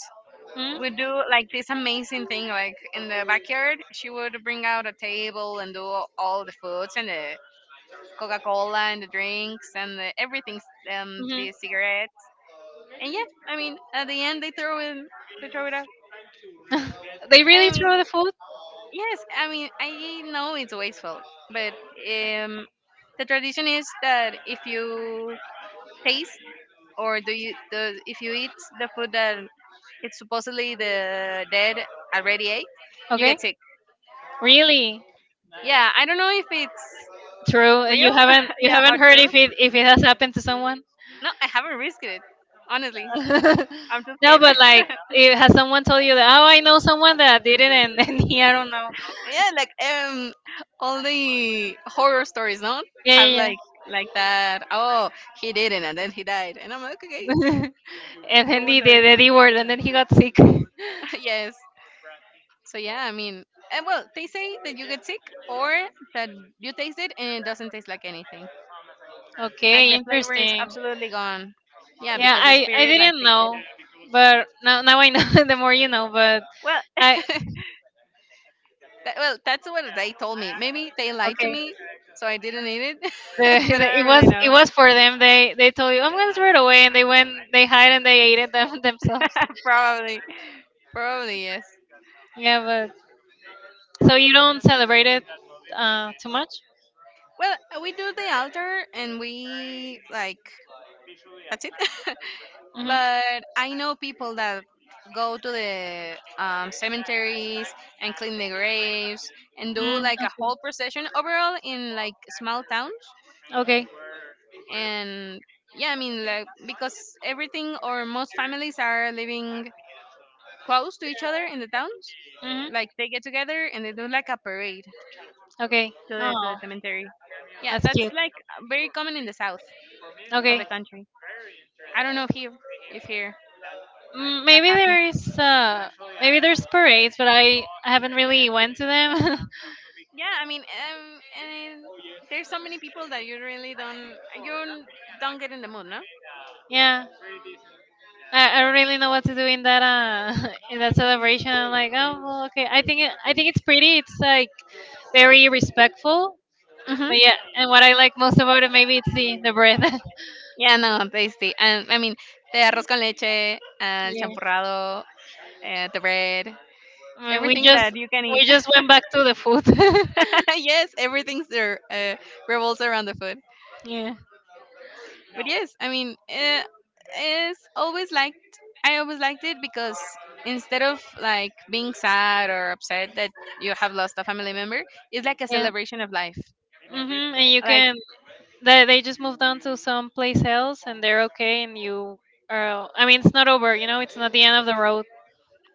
Speaker 1: Hmm?
Speaker 2: would do like this amazing thing like in the backyard she would bring out a table and do all the foods and the Coca Cola and the drinks and everything,
Speaker 1: Mm-hmm.
Speaker 2: the cigarettes. And yeah, I mean, at the end they throw it out.
Speaker 1: They
Speaker 2: And
Speaker 1: really
Speaker 2: I mean,
Speaker 1: throw the food?
Speaker 2: yes, I mean, I know it's wasteful, but um, the tradition is that if you taste or do you do, if you eat the food that it's supposedly the dead already ate, you
Speaker 1: Okay.
Speaker 2: get sick.
Speaker 1: Really?
Speaker 2: Yeah, I don't know if it's
Speaker 1: True. You
Speaker 2: real,
Speaker 1: haven't you
Speaker 2: yeah,
Speaker 1: haven't
Speaker 2: or
Speaker 1: heard
Speaker 2: true.
Speaker 1: if it, if it has happened to someone?
Speaker 2: No, I haven't risked it. Honestly, I'm too
Speaker 1: no,
Speaker 2: scared.
Speaker 1: but like it, has someone told you that, oh, I know someone that did it and then he I don't know.
Speaker 2: Yeah, like all the horror stories don't
Speaker 1: Yeah
Speaker 2: have
Speaker 1: yeah.
Speaker 2: like that. Oh, he didn't, and then he died, and I'm like, okay,
Speaker 1: Yeah. And
Speaker 2: I
Speaker 1: then
Speaker 2: won't
Speaker 1: he
Speaker 2: do
Speaker 1: did
Speaker 2: it.
Speaker 1: the D word and then he got sick.
Speaker 2: Yes. So yeah, I mean, and well, they say that you get sick or that you taste it and it doesn't taste like anything. Like
Speaker 1: Okay,
Speaker 2: the flavor is
Speaker 1: interesting.
Speaker 2: absolutely gone. Yeah,
Speaker 1: Yeah,
Speaker 2: because the
Speaker 1: I
Speaker 2: spirit like
Speaker 1: didn't
Speaker 2: takes it.
Speaker 1: know, but now I know. The more you know. But
Speaker 2: Well,
Speaker 1: I...
Speaker 2: that's what they told me. Maybe they lied to
Speaker 1: Okay.
Speaker 2: me, so I didn't eat it,
Speaker 1: The,
Speaker 2: but I don't
Speaker 1: it
Speaker 2: really
Speaker 1: was, it
Speaker 2: know.
Speaker 1: was for them. They told you I'm gonna throw it away, and they went, they hide and they ate it themselves.
Speaker 2: Probably. Probably yes.
Speaker 1: Yeah, but so you don't celebrate it too much.
Speaker 2: Well, we do the altar and we like that's it.
Speaker 1: Hmm.
Speaker 2: But I know people that go to the cemeteries and clean the graves and do
Speaker 1: Mm,
Speaker 2: like a
Speaker 1: okay.
Speaker 2: whole procession overall in like small towns
Speaker 1: Okay.
Speaker 2: and yeah, I mean like because everything or most families are living close to each other in the towns.
Speaker 1: Hmm.
Speaker 2: Like they get together and they do like a parade to
Speaker 1: Okay.
Speaker 2: the to
Speaker 1: Oh,
Speaker 2: the cemetery. Yeah,
Speaker 1: that's
Speaker 2: that's
Speaker 1: cute.
Speaker 2: like very common in the south of
Speaker 1: Okay.
Speaker 2: the country. I don't know if here
Speaker 1: Mm,
Speaker 2: that
Speaker 1: maybe
Speaker 2: happened.
Speaker 1: there is, maybe there's parades, but I haven't really went to them.
Speaker 2: Yeah, I mean, and there's so many people that you really don't you don't get in the mood, no?
Speaker 1: Yeah. I don't really know what to do in that in that celebration. I'm like, oh well, okay. I think I think it's pretty. It's like very respectful.
Speaker 2: Hmm.
Speaker 1: But yeah, and what I like most about it maybe it's the bread.
Speaker 2: Yeah, no, tasty. And I mean, the arroz con leche, el
Speaker 1: Yeah.
Speaker 2: champurrado, the bread,
Speaker 1: I mean,
Speaker 2: everything that you can eat.
Speaker 1: we just went back to the food.
Speaker 2: Yes, everything's there revolves around the food.
Speaker 1: Yeah.
Speaker 2: But yes, I mean, it's always liked I always liked it because instead of like being sad or upset that you have lost a family member, it's like a
Speaker 1: Yeah.
Speaker 2: celebration of life
Speaker 1: Mhm. And you
Speaker 2: like.
Speaker 1: can... They just moved on to some place else and they're okay, and you are, I mean, it's not over, you know, it's not the end of the road.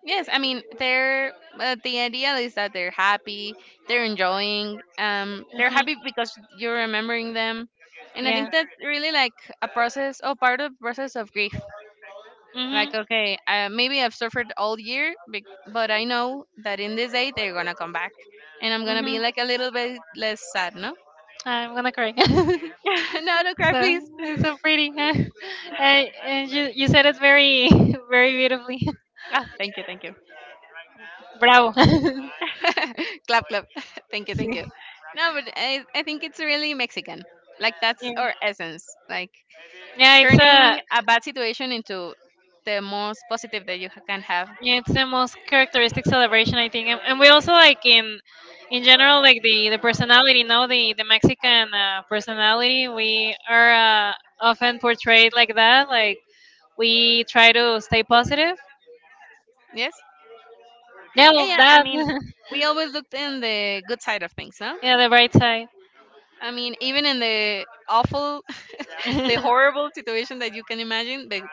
Speaker 2: Yes, I mean, the idea is that they're
Speaker 1: Hmm.
Speaker 2: happy because you're remembering them, and I think
Speaker 1: Yeah.
Speaker 2: that's really like a process or part of the process of grief. Like,
Speaker 1: Mhm.
Speaker 2: okay, maybe I've suffered all year, but I know that in this day they're gonna come back, and I'm gonna be
Speaker 1: Mhm.
Speaker 2: like a little bit less sad, no?
Speaker 1: I'm gonna cry.
Speaker 2: No, no cry,
Speaker 1: So
Speaker 2: please.
Speaker 1: it's so pretty. And you said it very very beautifully.
Speaker 2: Oh, thank you, thank you.
Speaker 1: Bravo. Sí.
Speaker 2: Clap, clap. Thank you, thank you. No, but I think it's really Mexican. Like that's
Speaker 1: Yeah.
Speaker 2: our essence. Like
Speaker 1: Yeah, it's a...
Speaker 2: turning a bad situation into the most positive that you can have.
Speaker 1: Yeah, it's the most characteristic celebration, I think, and we also like, in general, like the personality, no, the Mexican personality. We are, often portrayed like that. Like, we try to stay positive.
Speaker 2: Yes.
Speaker 1: Yeah,
Speaker 2: Yeah,
Speaker 1: well,
Speaker 2: yeah. I
Speaker 1: that.
Speaker 2: mean, we always looked in the good side of things, no?
Speaker 1: Yeah, the bright side.
Speaker 2: I mean, even in
Speaker 1: Yeah.
Speaker 2: the horrible situation that you can imagine, but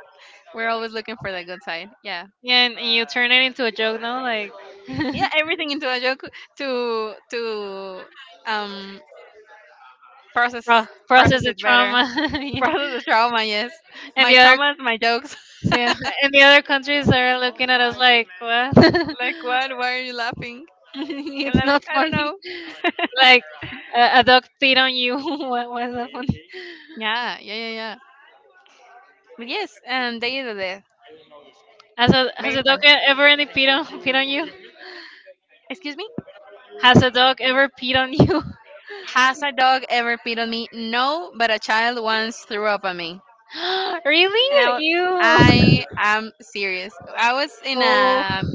Speaker 2: we're always looking for the good side. Yeah.
Speaker 1: And you turn it into a joke, no? Like,
Speaker 2: Yeah, everything into a joke to um process
Speaker 1: process
Speaker 2: process
Speaker 1: the
Speaker 2: it better.
Speaker 1: trauma, yeah.
Speaker 2: Process the trauma, yes.
Speaker 1: and
Speaker 2: My
Speaker 1: the other
Speaker 2: traumas, my jokes.
Speaker 1: Yeah, and the other countries are looking at us like, what?
Speaker 2: Like what? Why are you laughing? And
Speaker 1: It's
Speaker 2: I'm like,
Speaker 1: not
Speaker 2: I don't
Speaker 1: funny.
Speaker 2: know.
Speaker 1: Like, a dog peed on you. What was that funny?
Speaker 2: Yeah, yeah, yeah, yeah. But yes, and Day of the Dead.
Speaker 1: Has a... has
Speaker 2: Very
Speaker 1: a dog
Speaker 2: fun.
Speaker 1: e- ever any peed on... peed on you?
Speaker 2: Excuse me?
Speaker 1: Has a dog ever peed on you?
Speaker 2: Has a dog ever peed on me? No, but a child once threw up on me. And I
Speaker 1: Really?
Speaker 2: was
Speaker 1: You?
Speaker 2: I am serious. I was in
Speaker 1: Oh.
Speaker 2: a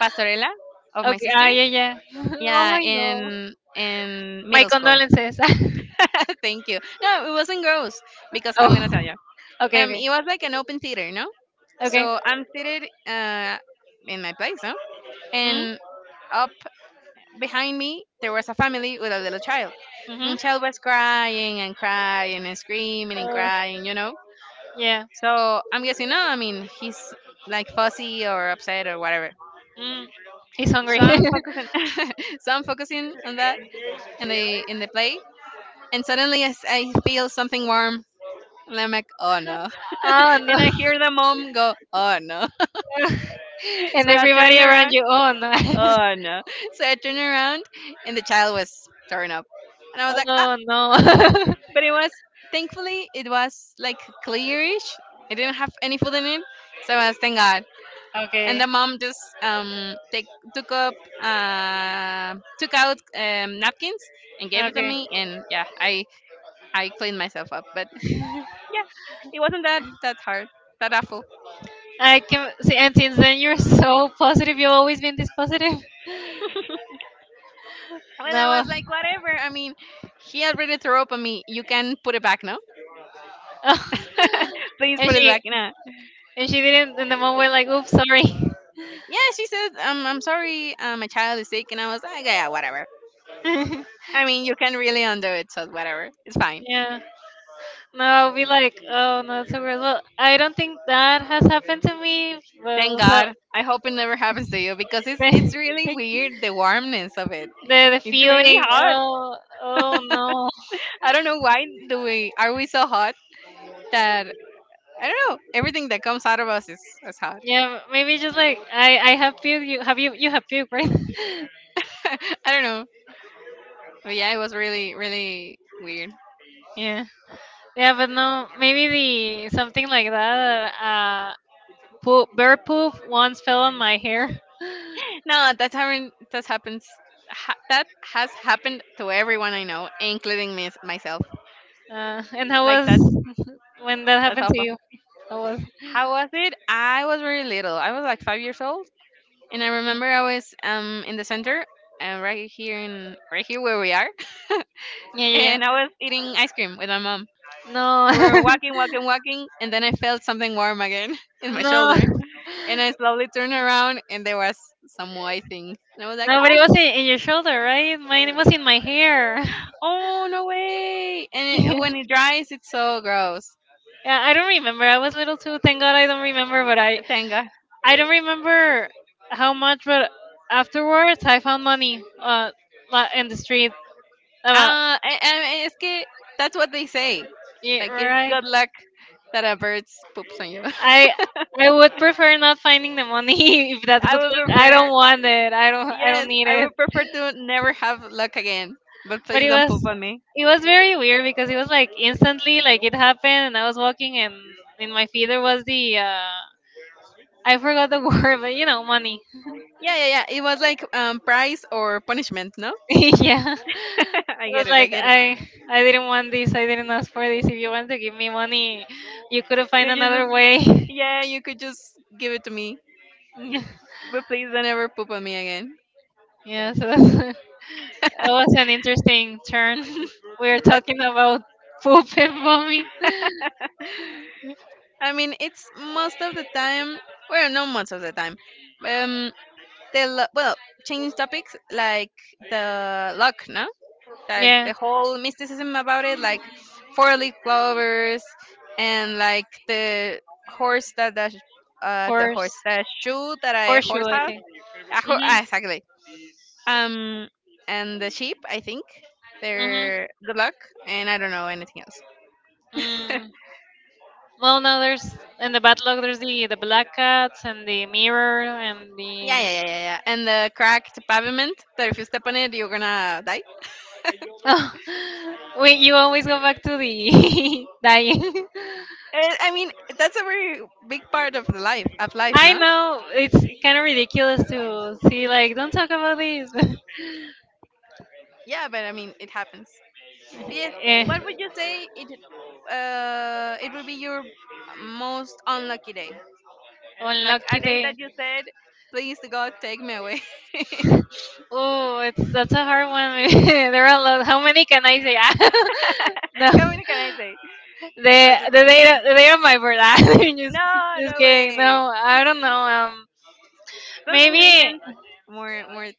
Speaker 2: Pastorella of my
Speaker 1: Okay. Ah,
Speaker 2: sister.
Speaker 1: yeah, yeah. Oh,
Speaker 2: Yeah,
Speaker 1: I know.
Speaker 2: in
Speaker 1: My
Speaker 2: middle school.
Speaker 1: condolences.
Speaker 2: Thank you. No, it wasn't gross because I'm gonna tell
Speaker 1: Oh.
Speaker 2: you.
Speaker 1: Okay. Okay.
Speaker 2: It was like an open theater, no?
Speaker 1: Okay.
Speaker 2: So I'm seated in my place, no?
Speaker 1: Mm?
Speaker 2: And up behind me there was a family with a little child.
Speaker 1: Mhm.
Speaker 2: And child was crying and crying and screaming and
Speaker 1: Uh,
Speaker 2: crying.
Speaker 1: yeah.
Speaker 2: So I'm guessing no, I mean he's like fussy or upset or whatever.
Speaker 1: Mm. He's hungry.
Speaker 2: So I'm focusing so I'm focusing on that in the play, and suddenly I feel something warm, and I'm like, oh no,
Speaker 1: Oh no.
Speaker 2: and I hear the mom go, oh no,
Speaker 1: And
Speaker 2: so I turn
Speaker 1: everybody around
Speaker 2: around,
Speaker 1: you. Oh no.
Speaker 2: oh no, so I turn around, and the child was torn up, and I was like, ah,
Speaker 1: Oh no.
Speaker 2: but it was thankfully it was like clearish, it didn't have any food in it, so I was thank God. And
Speaker 1: Okay.
Speaker 2: the mom just take took up took out napkins and gave it to
Speaker 1: Okay.
Speaker 2: me, and yeah, I cleaned myself up. But yeah, it wasn't that hard, that awful.
Speaker 1: I can see, and since then you're so positive. You've always been this positive.
Speaker 2: And I
Speaker 1: No.
Speaker 2: was like, whatever. I mean, he already threw up on me. You can put it back, no? Please
Speaker 1: And
Speaker 2: put it
Speaker 1: she...
Speaker 2: back. Nah.
Speaker 1: and she didn't in the moment like, oops, sorry.
Speaker 2: Yeah, she said, I'm sorry, my child is sick. And I was like, "Ah, yeah, whatever. I mean, you can really undo it, so whatever. It's fine."
Speaker 1: Yeah. No, I'll be like, oh no, it's so weird. Well, I don't think that has happened to me. But
Speaker 2: Thank
Speaker 1: so
Speaker 2: God. I hope it never happens to you because it's
Speaker 1: the,
Speaker 2: it's really
Speaker 1: thank you.
Speaker 2: weird, the warmness of it.
Speaker 1: The
Speaker 2: It's really
Speaker 1: feeling,
Speaker 2: hot.
Speaker 1: oh... oh no.
Speaker 2: I don't know why do we are we so hot that I don't know. Everything that comes out of us is hot.
Speaker 1: Yeah, maybe just like, I have puke. You have... you have puke, right?
Speaker 2: I don't know. Oh yeah, it was really really weird.
Speaker 1: Yeah. Yeah, but no, maybe the... something like that. Poop, bear poop once fell on my hair.
Speaker 2: No, that happened. That happens. Ha, that has happened to everyone I know, including me myself.
Speaker 1: Uh, and how
Speaker 2: Like
Speaker 1: was
Speaker 2: that.
Speaker 1: when that
Speaker 2: That's
Speaker 1: happened to
Speaker 2: awful.
Speaker 1: you? How was?
Speaker 2: How was it? I was very little. I was like 5 years old, and I remember I was in the center, right here in right here where we are,
Speaker 1: Yeah, yeah, yeah.
Speaker 2: and I was eating ice cream with my mom.
Speaker 1: No,
Speaker 2: So we were walking, walking, walking, and then I felt something warm again in my
Speaker 1: no,
Speaker 2: shoulder, and I slowly turned around, and there was some white thing, and I was like,
Speaker 1: no. But it
Speaker 2: "Ah!"
Speaker 1: was in your shoulder, right? Mine was in my hair.
Speaker 2: Oh no way! And it,
Speaker 1: Yeah.
Speaker 2: when it dries, it's so gross.
Speaker 1: Yeah, I don't remember. I was little too. Thank God I don't remember.
Speaker 2: Thank
Speaker 1: I don't remember how much. But afterwards, I found money. In the street. Uh,
Speaker 2: Ah, I, es que that's what they say.
Speaker 1: Yeah,
Speaker 2: Like it's
Speaker 1: right.
Speaker 2: good luck that a bird poops on you.
Speaker 1: I... I would prefer not finding the money if that's good
Speaker 2: I would
Speaker 1: luck. I
Speaker 2: prefer,
Speaker 1: don't want it. I don't... I don't
Speaker 2: yes,
Speaker 1: need
Speaker 2: I
Speaker 1: it.
Speaker 2: would prefer to never have luck again. But
Speaker 1: But
Speaker 2: please
Speaker 1: it
Speaker 2: don't poop
Speaker 1: was...
Speaker 2: on me.
Speaker 1: it was very weird because it was like instantly, like it happened and I was walking, and in my feet there was the I forgot the word, but you know, money.
Speaker 2: Yeah, yeah, yeah. It was like prize or punishment, no?
Speaker 1: Yeah.
Speaker 2: I
Speaker 1: I
Speaker 2: get
Speaker 1: was
Speaker 2: it, I
Speaker 1: like
Speaker 2: get it.
Speaker 1: I I didn't want this. I didn't ask for this. If you want to give me money, you could have found
Speaker 2: You
Speaker 1: another
Speaker 2: just,
Speaker 1: way.
Speaker 2: yeah, you could just give it to me, but please don't ever poop on me again.
Speaker 1: Yeah, so that's it was an interesting turn. We were
Speaker 2: That's
Speaker 1: talking about poop and vomit.
Speaker 2: I mean, it's most of the time. Well, not most of the time. Um, well, change topics like the luck, no? Like
Speaker 1: Yeah,
Speaker 2: the whole mysticism about it, like four-leaf clovers, and like the horse that the
Speaker 1: horse,
Speaker 2: horse the shoe that I
Speaker 1: horseshoe,
Speaker 2: horse
Speaker 1: I
Speaker 2: have.
Speaker 1: think. Mhm,
Speaker 2: Exactly. Um, and the sheep, I think
Speaker 1: mhm.
Speaker 2: they're good luck, and I don't know anything else.
Speaker 1: Mm. Well, no, there's in the backlog. There's the black cats and the mirror and
Speaker 2: Yeah, yeah,
Speaker 1: the...
Speaker 2: yeah, yeah, yeah. And the cracked pavement that if you step on it, you're gonna die.
Speaker 1: Oh, wait, you always go back to the dying.
Speaker 2: Eh, I mean, that's a very big part of the life, of life,
Speaker 1: I
Speaker 2: no?
Speaker 1: know, it's kind of ridiculous to see like, don't talk about these.
Speaker 2: Yeah, but I mean, it happens. But yes,
Speaker 1: Eh.
Speaker 2: what would you say it, it would be your most unlucky day? Like a
Speaker 1: Unlucky
Speaker 2: day that
Speaker 1: day.
Speaker 2: you said, please God, take me away.
Speaker 1: Oh, it's... that's a hard one. There are a lot. How many can I say? Ah, no,
Speaker 2: How many can I say? No,
Speaker 1: the
Speaker 2: just one, just one.
Speaker 1: the day of my birthday. just
Speaker 2: No,
Speaker 1: just
Speaker 2: no
Speaker 1: kidding.
Speaker 2: way.
Speaker 1: No, I don't know.
Speaker 2: Something
Speaker 1: Maybe...
Speaker 2: recent, more, more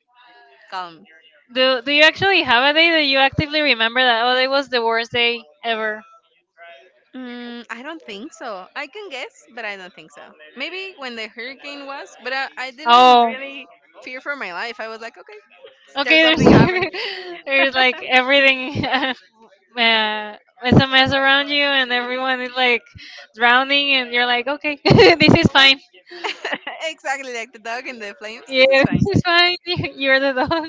Speaker 2: calm.
Speaker 1: do... do you actually have a day that you actively remember that? Oh, it was the worst day ever.
Speaker 2: Mm, I don't think so. I can guess, but I don't think so. Maybe when the hurricane was, but I didn't
Speaker 1: Oh,
Speaker 2: really fear for my life. I was like, okay, there's
Speaker 1: okay.
Speaker 2: something
Speaker 1: There's
Speaker 2: happening.
Speaker 1: there's like everything. Uh, it's a mess around you, and everyone is like drowning, and you're like, okay, this is fine.
Speaker 2: But exactly like the dog and the flames, this is
Speaker 1: Yeah,
Speaker 2: fine.
Speaker 1: this is fine. You're the dog.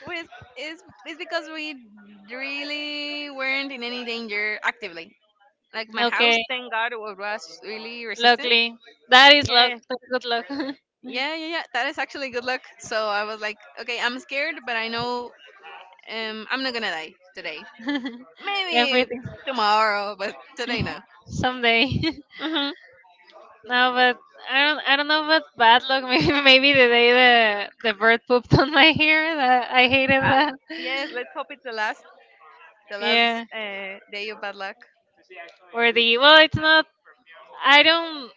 Speaker 2: With is it's because we really weren't in any danger actively. Like my house,
Speaker 1: Okay,
Speaker 2: thank God, was really resistant.
Speaker 1: luckily, that is luck.
Speaker 2: Yeah,
Speaker 1: That's good luck.
Speaker 2: yeah, yeah, yeah. That is actually good luck. So I was like, okay, I'm scared, but I know I'm not gonna die today. Maybe
Speaker 1: Everything
Speaker 2: tomorrow, but today no.
Speaker 1: someday.
Speaker 2: Mm-hmm.
Speaker 1: No, but I don't. I don't know about bad luck. Maybe, maybe the day the bird pooped on my hair. That, I hated
Speaker 2: Uh,
Speaker 1: that.
Speaker 2: yes, let's hope it's the last
Speaker 1: Yeah.
Speaker 2: day of bad luck.
Speaker 1: Or the... well, it's not. I don't.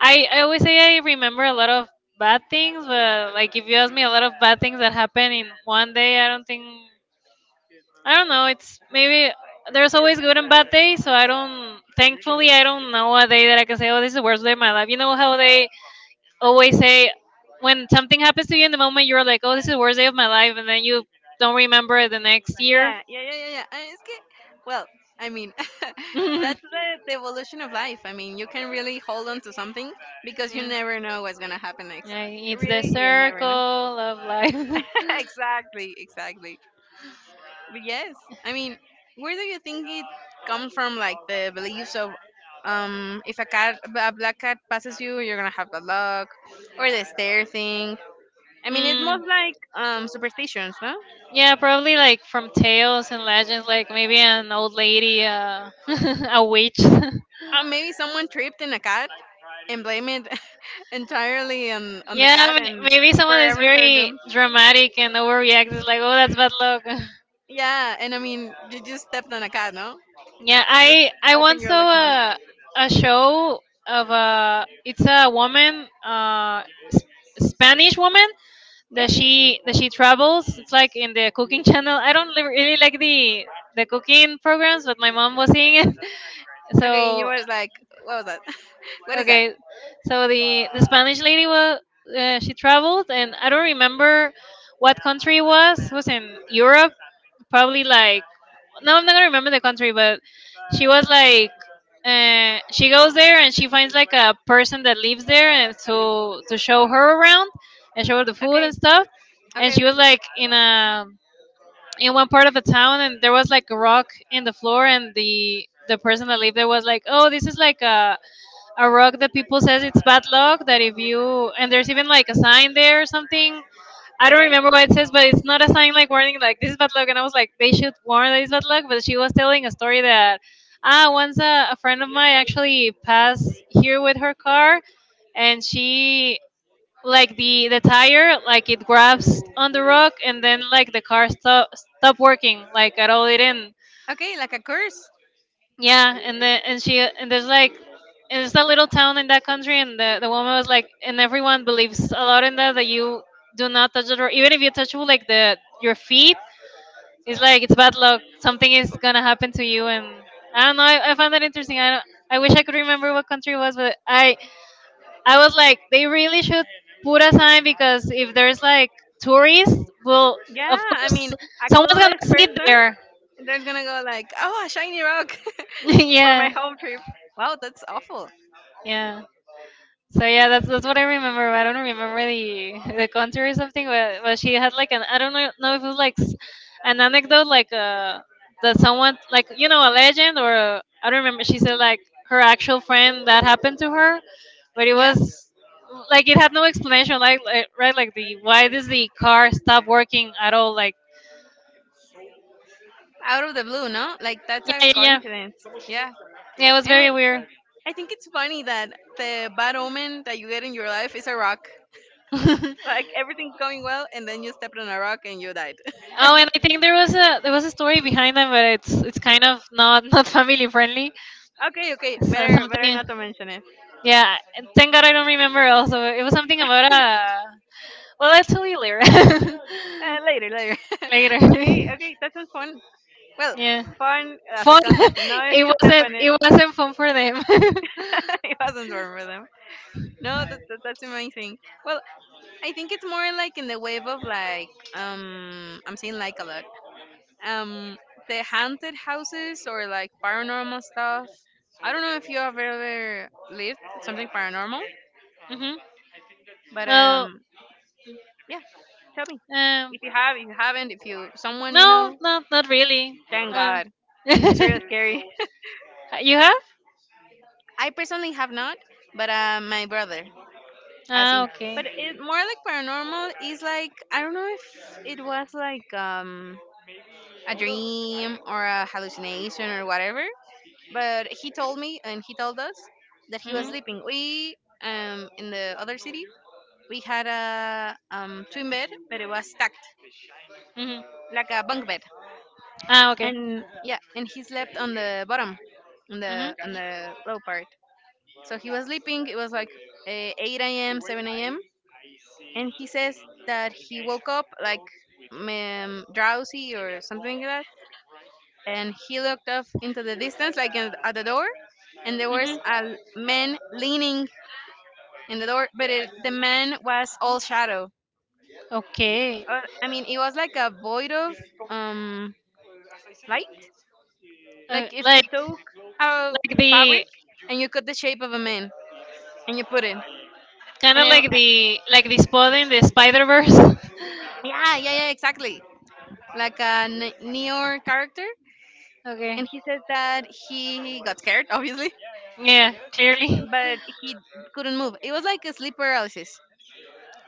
Speaker 1: I always say I remember a lot of bad things, but like if you ask me a lot of bad things that happen in one day, I don't think. I don't know. It's maybe... there's always good and bad days, so I don't. Thankfully, I don't know a day that I can say, "Oh, this is the worst day of my life." You know how they always say, when something happens to you in the moment, you're like, "Oh, this is the worst day of my life," and then you don't remember it the next year.
Speaker 2: Yeah, yeah, yeah, yeah, yeah. And it's good. Well, I mean, that's the evolution of life. I mean, you can really hold on to something because you
Speaker 1: Mm.
Speaker 2: never know what's gonna happen next.
Speaker 1: Yeah, it's the
Speaker 2: Really, you
Speaker 1: circle
Speaker 2: never know.
Speaker 1: of life.
Speaker 2: Exactly, exactly. But yes, I mean, where do you think it comes from? Like the beliefs of, if a black cat passes you, you're gonna have bad luck, or the stare thing. I mean, it's
Speaker 1: Mm.
Speaker 2: most like superstitions, no?
Speaker 1: Yeah, probably like from tales and legends, like maybe an old lady, a witch.
Speaker 2: Or maybe someone tripped in a cat and blame it entirely on the
Speaker 1: Yeah,
Speaker 2: cat, and
Speaker 1: maybe someone is
Speaker 2: forever they're
Speaker 1: very
Speaker 2: doomed.
Speaker 1: dramatic and overreacts. It's like, oh, that's bad luck.
Speaker 2: Yeah, and I mean, you just stepped on a cat, no?
Speaker 1: Yeah,
Speaker 2: Just
Speaker 1: I
Speaker 2: open
Speaker 1: once
Speaker 2: your
Speaker 1: saw
Speaker 2: legs more.
Speaker 1: a... a show of a... it's a woman, S- Spanish woman
Speaker 2: Yeah.
Speaker 1: that she travels. It's like in the cooking channel. I don't really like the cooking programs, but my mom was seeing it,
Speaker 2: Okay, and you
Speaker 1: so...
Speaker 2: was like, what was that? What is that?
Speaker 1: Okay, so the Spanish lady was, she traveled, and I don't remember what country it was. It was in Europe, probably like... no, I'm not gonna remember the country, but she was like... she goes there and she finds like a person that lives there and to show her around and show her the food and
Speaker 2: Okay,
Speaker 1: stuff, and
Speaker 2: okay,
Speaker 1: she
Speaker 2: okay,
Speaker 1: was like in a... in one part of the town, and there was like a rock in the floor, and the person that lived there was like, oh, this is like a... a rock that people says it's bad luck, that if you... and there's even like a sign there or something. I don't
Speaker 2: okay.
Speaker 1: remember what it says, but it's not a sign like warning, like this is bad luck, and I was like, they should warn that it's bad luck. But she was telling a story that, ah, once a friend of mine actually passed here with her car, and she... like the tire, like it grabs on the rock, and then like the car stop working, like at all. It didn't...
Speaker 2: Okay, like a curse.
Speaker 1: Yeah, and the... and she... and there's like... and it's a little town in that country, and the woman was like, and everyone believes a lot in that, that you do not touch the door, even if you touch like the... your feet, it's like it's bad luck. Something is gonna happen to you. And I don't know. I found that interesting. I don't... I wish I could remember what country it was, but I was like, they really should put a sign, because if there's like tourists, well,
Speaker 2: Yeah,
Speaker 1: of
Speaker 2: I
Speaker 1: course
Speaker 2: mean, a
Speaker 1: someone's gonna
Speaker 2: clueless
Speaker 1: sit
Speaker 2: person
Speaker 1: there.
Speaker 2: that's gonna go like, oh, a shiny rock for my
Speaker 1: Yeah,
Speaker 2: home trip. Wow, that's awful.
Speaker 1: yeah. So yeah, that's what I remember. I don't remember the contour or something, but she had like an... I don't know if it was like an anecdote like, that someone, like, you know, a legend, or I... don't remember. She said like her actual friend that happened to her, but it
Speaker 2: Yeah,
Speaker 1: was like it had no explanation. Like right, like, the why does the car stop working at all? Like...
Speaker 2: out of the blue, no? Like that's a
Speaker 1: yeah, yeah, yeah.
Speaker 2: coincidence. Yeah,
Speaker 1: Yeah, it was
Speaker 2: and
Speaker 1: very
Speaker 2: I,
Speaker 1: weird.
Speaker 2: I think it's funny that the bad omen that you get in your life is a rock. Like everything's going well, and then you stepped on a rock and you died.
Speaker 1: Oh, and I think there was a... there was a story behind them, but it's... it's kind of not not family friendly.
Speaker 2: Okay, okay,
Speaker 1: So,
Speaker 2: better
Speaker 1: something,
Speaker 2: not to mention it.
Speaker 1: yeah. And thank God I don't remember. Also, it was something about a... Well, I'll tell you later.
Speaker 2: Later, later.
Speaker 1: Later.
Speaker 2: Okay, okay, that was fun. Well,
Speaker 1: Yeah.
Speaker 2: fun as a
Speaker 1: Fun.
Speaker 2: concept. Now if
Speaker 1: It
Speaker 2: you step
Speaker 1: wasn't.
Speaker 2: on it
Speaker 1: It wasn't fun for them.
Speaker 2: it wasn't warm for them. No, that's amazing. Well, I think it's more like in the wave of like I'm saying like a lot. Um the haunted houses or like paranormal stuff. I don't know if you have ever lived something paranormal,
Speaker 1: Hmm.
Speaker 2: but
Speaker 1: Well,
Speaker 2: yeah, tell me.
Speaker 1: um,
Speaker 2: If you have, if you haven't, if you someone you
Speaker 1: no,
Speaker 2: know,
Speaker 1: no, not really.
Speaker 2: thank
Speaker 1: Uh,
Speaker 2: God. It's really scary.
Speaker 1: you have?
Speaker 2: I personally have not, but my brother has
Speaker 1: Ah,
Speaker 2: seen.
Speaker 1: okay.
Speaker 2: But it more like paranormal is like I don't know if it was like a dream or a hallucination or whatever. But he told me and he told us that he was
Speaker 1: Hmm.
Speaker 2: sleeping. We in the other city we had a twin bed, but it was stacked
Speaker 1: Hmm.
Speaker 2: like a bunk bed.
Speaker 1: Ah, okay.
Speaker 2: And yeah, and he slept on the bottom, on
Speaker 1: Hmm.
Speaker 2: the on the low part. So he was sleeping. It was like 8 a.m., 7 a.m and he says that he woke up like drowsy or something like that and he looked off into the distance like at the door and there
Speaker 1: Mhm.
Speaker 2: was a man leaning in the door but the man was all shadow.
Speaker 1: Okay.
Speaker 2: I mean it was like a void of um light, like if you
Speaker 1: Like...
Speaker 2: took a
Speaker 1: like the
Speaker 2: fabric and you cut the shape of a man and you put it
Speaker 1: kind
Speaker 2: and
Speaker 1: of
Speaker 2: it,
Speaker 1: like
Speaker 2: uh,
Speaker 1: the... like the spot in the Spider Verse.
Speaker 2: yeah yeah yeah exactly like a neo character,
Speaker 1: Okay.
Speaker 2: and he says that he got scared, obviously,
Speaker 1: Yeah, clearly.
Speaker 2: but he couldn't move. It was like a sleep paralysis.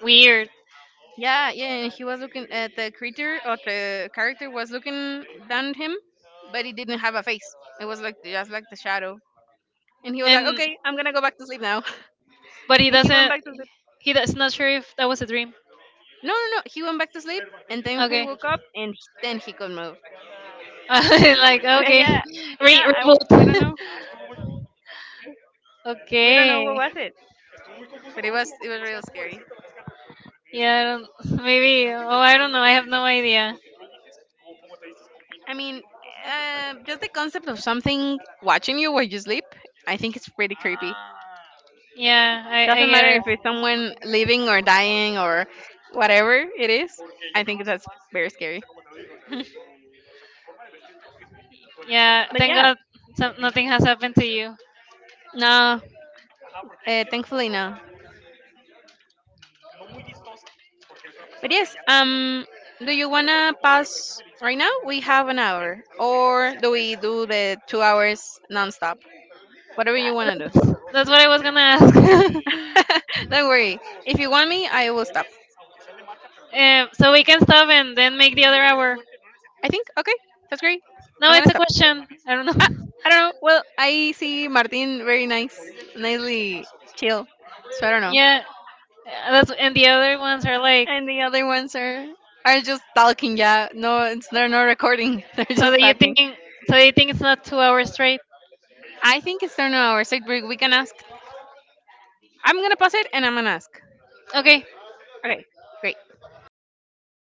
Speaker 1: Weird.
Speaker 2: Yeah, yeah. And he was looking at the creature, or the character was looking down at him, but it didn't have a face. It was like just like the shadow. And he was like,
Speaker 1: And
Speaker 2: "Okay, I'm gonna go back to sleep now."
Speaker 1: but he
Speaker 2: And he went
Speaker 1: doesn't.
Speaker 2: back to sleep.
Speaker 1: He does not sure if that was a dream.
Speaker 2: No, no, no. He went back to sleep, and then he
Speaker 1: Okay.
Speaker 2: woke up, and then he could move.
Speaker 1: Like, okay.
Speaker 2: Yeah, yeah. We don't
Speaker 1: Reboot.
Speaker 2: know. We don't know what
Speaker 1: Okay.
Speaker 2: was it, but it was real scary.
Speaker 1: Yeah, I don't, maybe. Oh, I don't know. I have no idea.
Speaker 2: I mean, just the concept of something watching you while you sleep, I think it's pretty creepy.
Speaker 1: Yeah, I
Speaker 2: Doesn't
Speaker 1: get
Speaker 2: matter
Speaker 1: it.
Speaker 2: if it's someone living or dying or whatever it is. I think that's very scary. But
Speaker 1: Thank
Speaker 2: yeah,
Speaker 1: God some... nothing has happened to you.
Speaker 2: no, thankfully no. But yes, do you wanna pass right now? We have an hour, or do we do the 2 hours nonstop? Whatever you wanna do.
Speaker 1: Gonna ask.
Speaker 2: Don't worry. If you want me, I will stop.
Speaker 1: Um, so we can stop and then make the...
Speaker 2: I think okay. That's great. I'm gonna stop.
Speaker 1: know.
Speaker 2: I, I don't know. Well, I see Martin very nicely chill. So I don't know.
Speaker 1: Yeah, that's... and the other ones are like...
Speaker 2: And the other ones are just talking. Yeah, no, it's they're not recording. They're
Speaker 1: so
Speaker 2: just
Speaker 1: that you
Speaker 2: talking.
Speaker 1: think so that you think it's not 2 hours straight.
Speaker 2: I think it's turn on our side break. We can ask. I'm gonna pause it and I'm gonna ask.
Speaker 1: Okay,
Speaker 2: Okay, great.